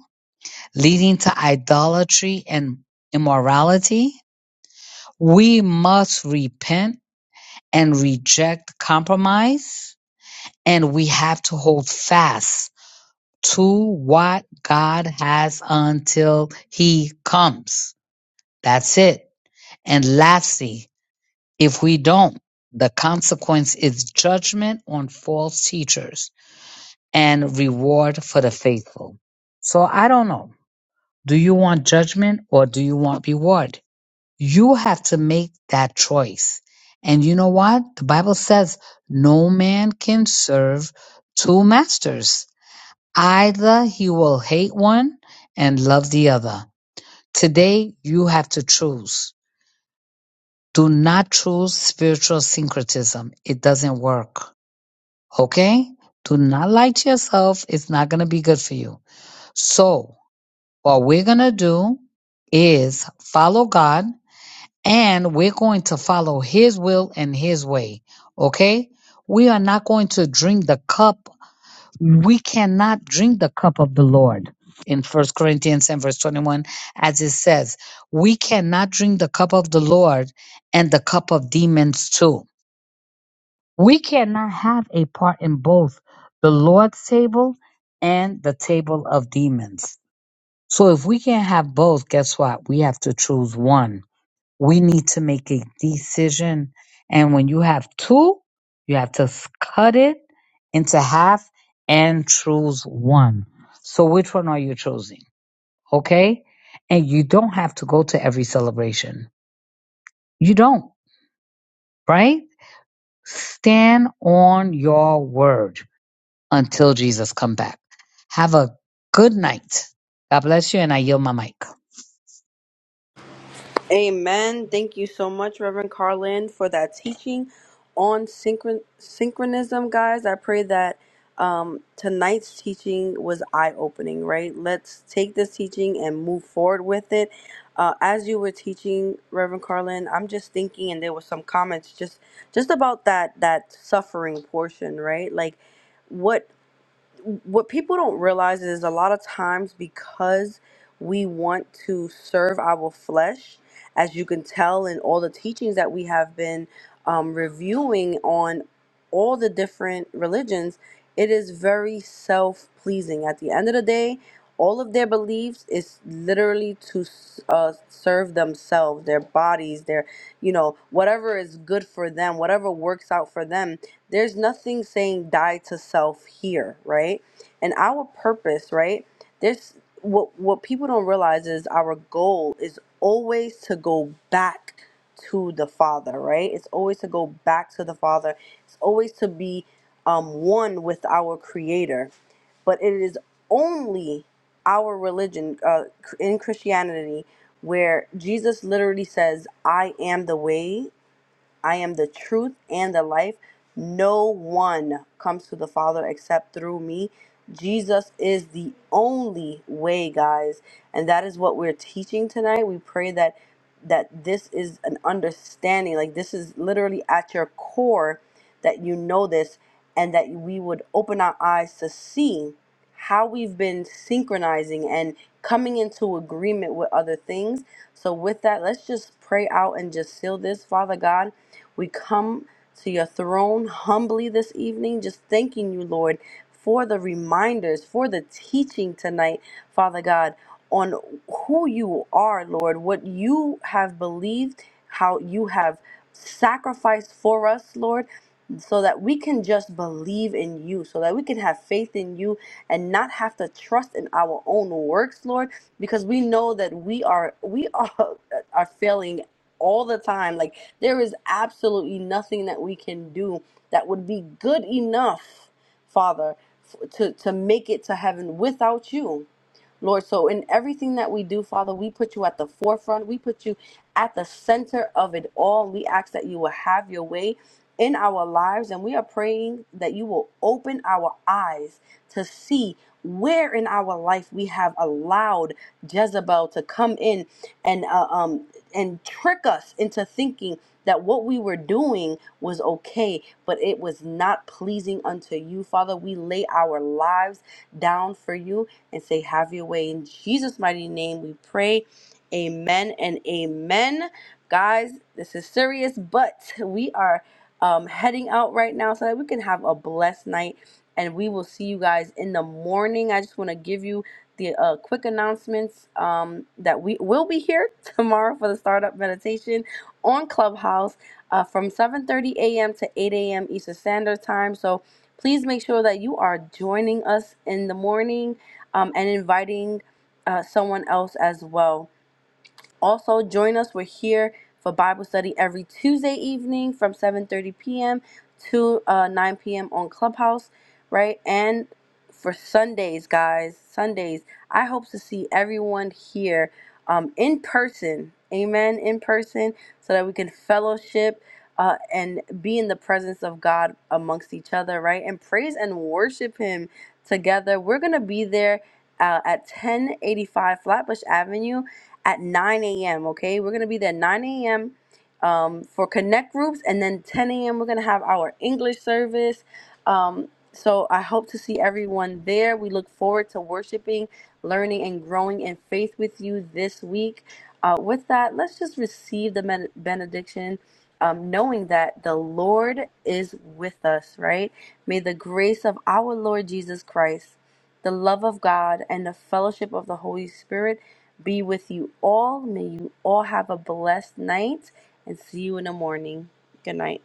Speaker 5: leading to idolatry and immorality. We must repent and reject compromise, and we have to hold fast to what God has until He comes. That's it. And lastly, If we don't, the consequence is judgment on false teachers and reward for the faithful. So I don't know. Do you want judgment or do you want reward? You have to make that choice. And you know what? The Bible says no man can serve two masters. Either he will hate one and love the other. Today, you have to choose. Do not choose spiritual syncretism. It doesn't work. Okay? Do not lie to yourself. It's not going to be good for you. So, what we're going to do is follow God and we're going to follow His will and His way. Okay? We are not going to drink the cup. We cannot drink the cup of the Lord in First Corinthians 10, verse 21, as it says, we cannot drink the cup of the Lord and the cup of demons too. We cannot have a part in both the Lord's table and the table of demons. So if we can't have both, guess what? We have to choose one. We need to make a decision. And when you have two, you have to s- cut it into half and choose one. So which one are you choosing? Okay? And you don't have to go to every celebration. You don't, right? Stand on your word until Jesus come back. Have a good night. God bless you, and I yield my mic.
Speaker 1: Amen. Thank you so much, Reverend Carlin, for that teaching on synchron- synchronism, guys. I pray that um, tonight's teaching was eye opening, right? Let's take this teaching and move forward with it. Uh, as you were teaching, Reverend Carlin, I'm just thinking, and there were some comments just just about that that suffering portion, right? Like, what what people don't realize is a lot of times because we want to serve our flesh, as you can tell in all the teachings that we have been um, reviewing on all the different religions, it is very self pleasing. At the end of the day, all of their beliefs is literally to s- uh, serve themselves, their bodies, their, you know, whatever is good for them, whatever works out for them there's nothing saying die to self here, right? And our purpose, right? There's what what people don't realize is our goal is always to go back to the Father, right? It's always to go back to the Father. It's always to be um, one with our Creator. But it is only our religion uh, in Christianity where Jesus literally says, "I am the way." I am the truth and the life. No one comes to the Father except through me. Jesus is the only way, guys, and that is what we're teaching tonight. We pray that that this is an understanding, like this is literally at your core that you know this and that we would open our eyes to see how we've been synchronizing and coming into agreement with other things. So with that, let's just pray out and just seal this, Father God. We come to your throne humbly this evening, just thanking you, Lord, for the reminders, for the teaching tonight, Father God, on who you are, Lord, what you have believed, how you have sacrificed for us, Lord. So that we can just believe in you, so that we can have faith in you and not have to trust in our own works, Lord, because we know that we are we are are failing all the time. Like there is absolutely nothing that we can do that would be good enough, Father, f- to, to make it to heaven without you. Lord, so in everything that we do, Father, we put you at the forefront. We put you at the center of it all. We ask that you will have your way in our lives, and we are praying that you will open our eyes to see where in our life we have allowed Jezebel to come in and uh, um and trick us into thinking that what we were doing was okay, but it was not pleasing unto you, Father. We lay our lives down for you and say, Have your way. In Jesus' mighty name, we pray. Amen and amen. Guys, this is serious, but we are um, heading out right now so that we can have a blessed night. And we will see you guys in the morning. I just want to give you the uh, quick announcements um, that we will be here tomorrow for the startup meditation on Clubhouse uh, from 7:30 a.m. to 8 a.m. Eastern Standard Time. So please make sure that you are joining us in the morning um, and inviting uh, someone else as well. Also, join us. We're here for Bible study every Tuesday evening from 7:30 p.m. to uh, 9 p.m. on Clubhouse, right? And for Sundays, guys, Sundays. I hope to see everyone here um, in person. Amen. In person, so that we can fellowship uh, and be in the presence of God amongst each other, right? And praise and worship Him together. We're gonna be there uh, at 1085 Flatbush Avenue at 9 a.m. Okay, we're gonna be there 9 a.m. Um, for connect groups, and then 10 a.m. we're gonna have our English service. Um, so I hope to see everyone there. We look forward to worshiping, learning, and growing in faith with you this week. Uh, with that, let's just receive the med- benediction, um, knowing that the Lord is with us. Right? May the grace of our Lord Jesus Christ the love of God, and the fellowship of the Holy Spirit be with you all. May you all have a blessed night and see you in the morning. Good night.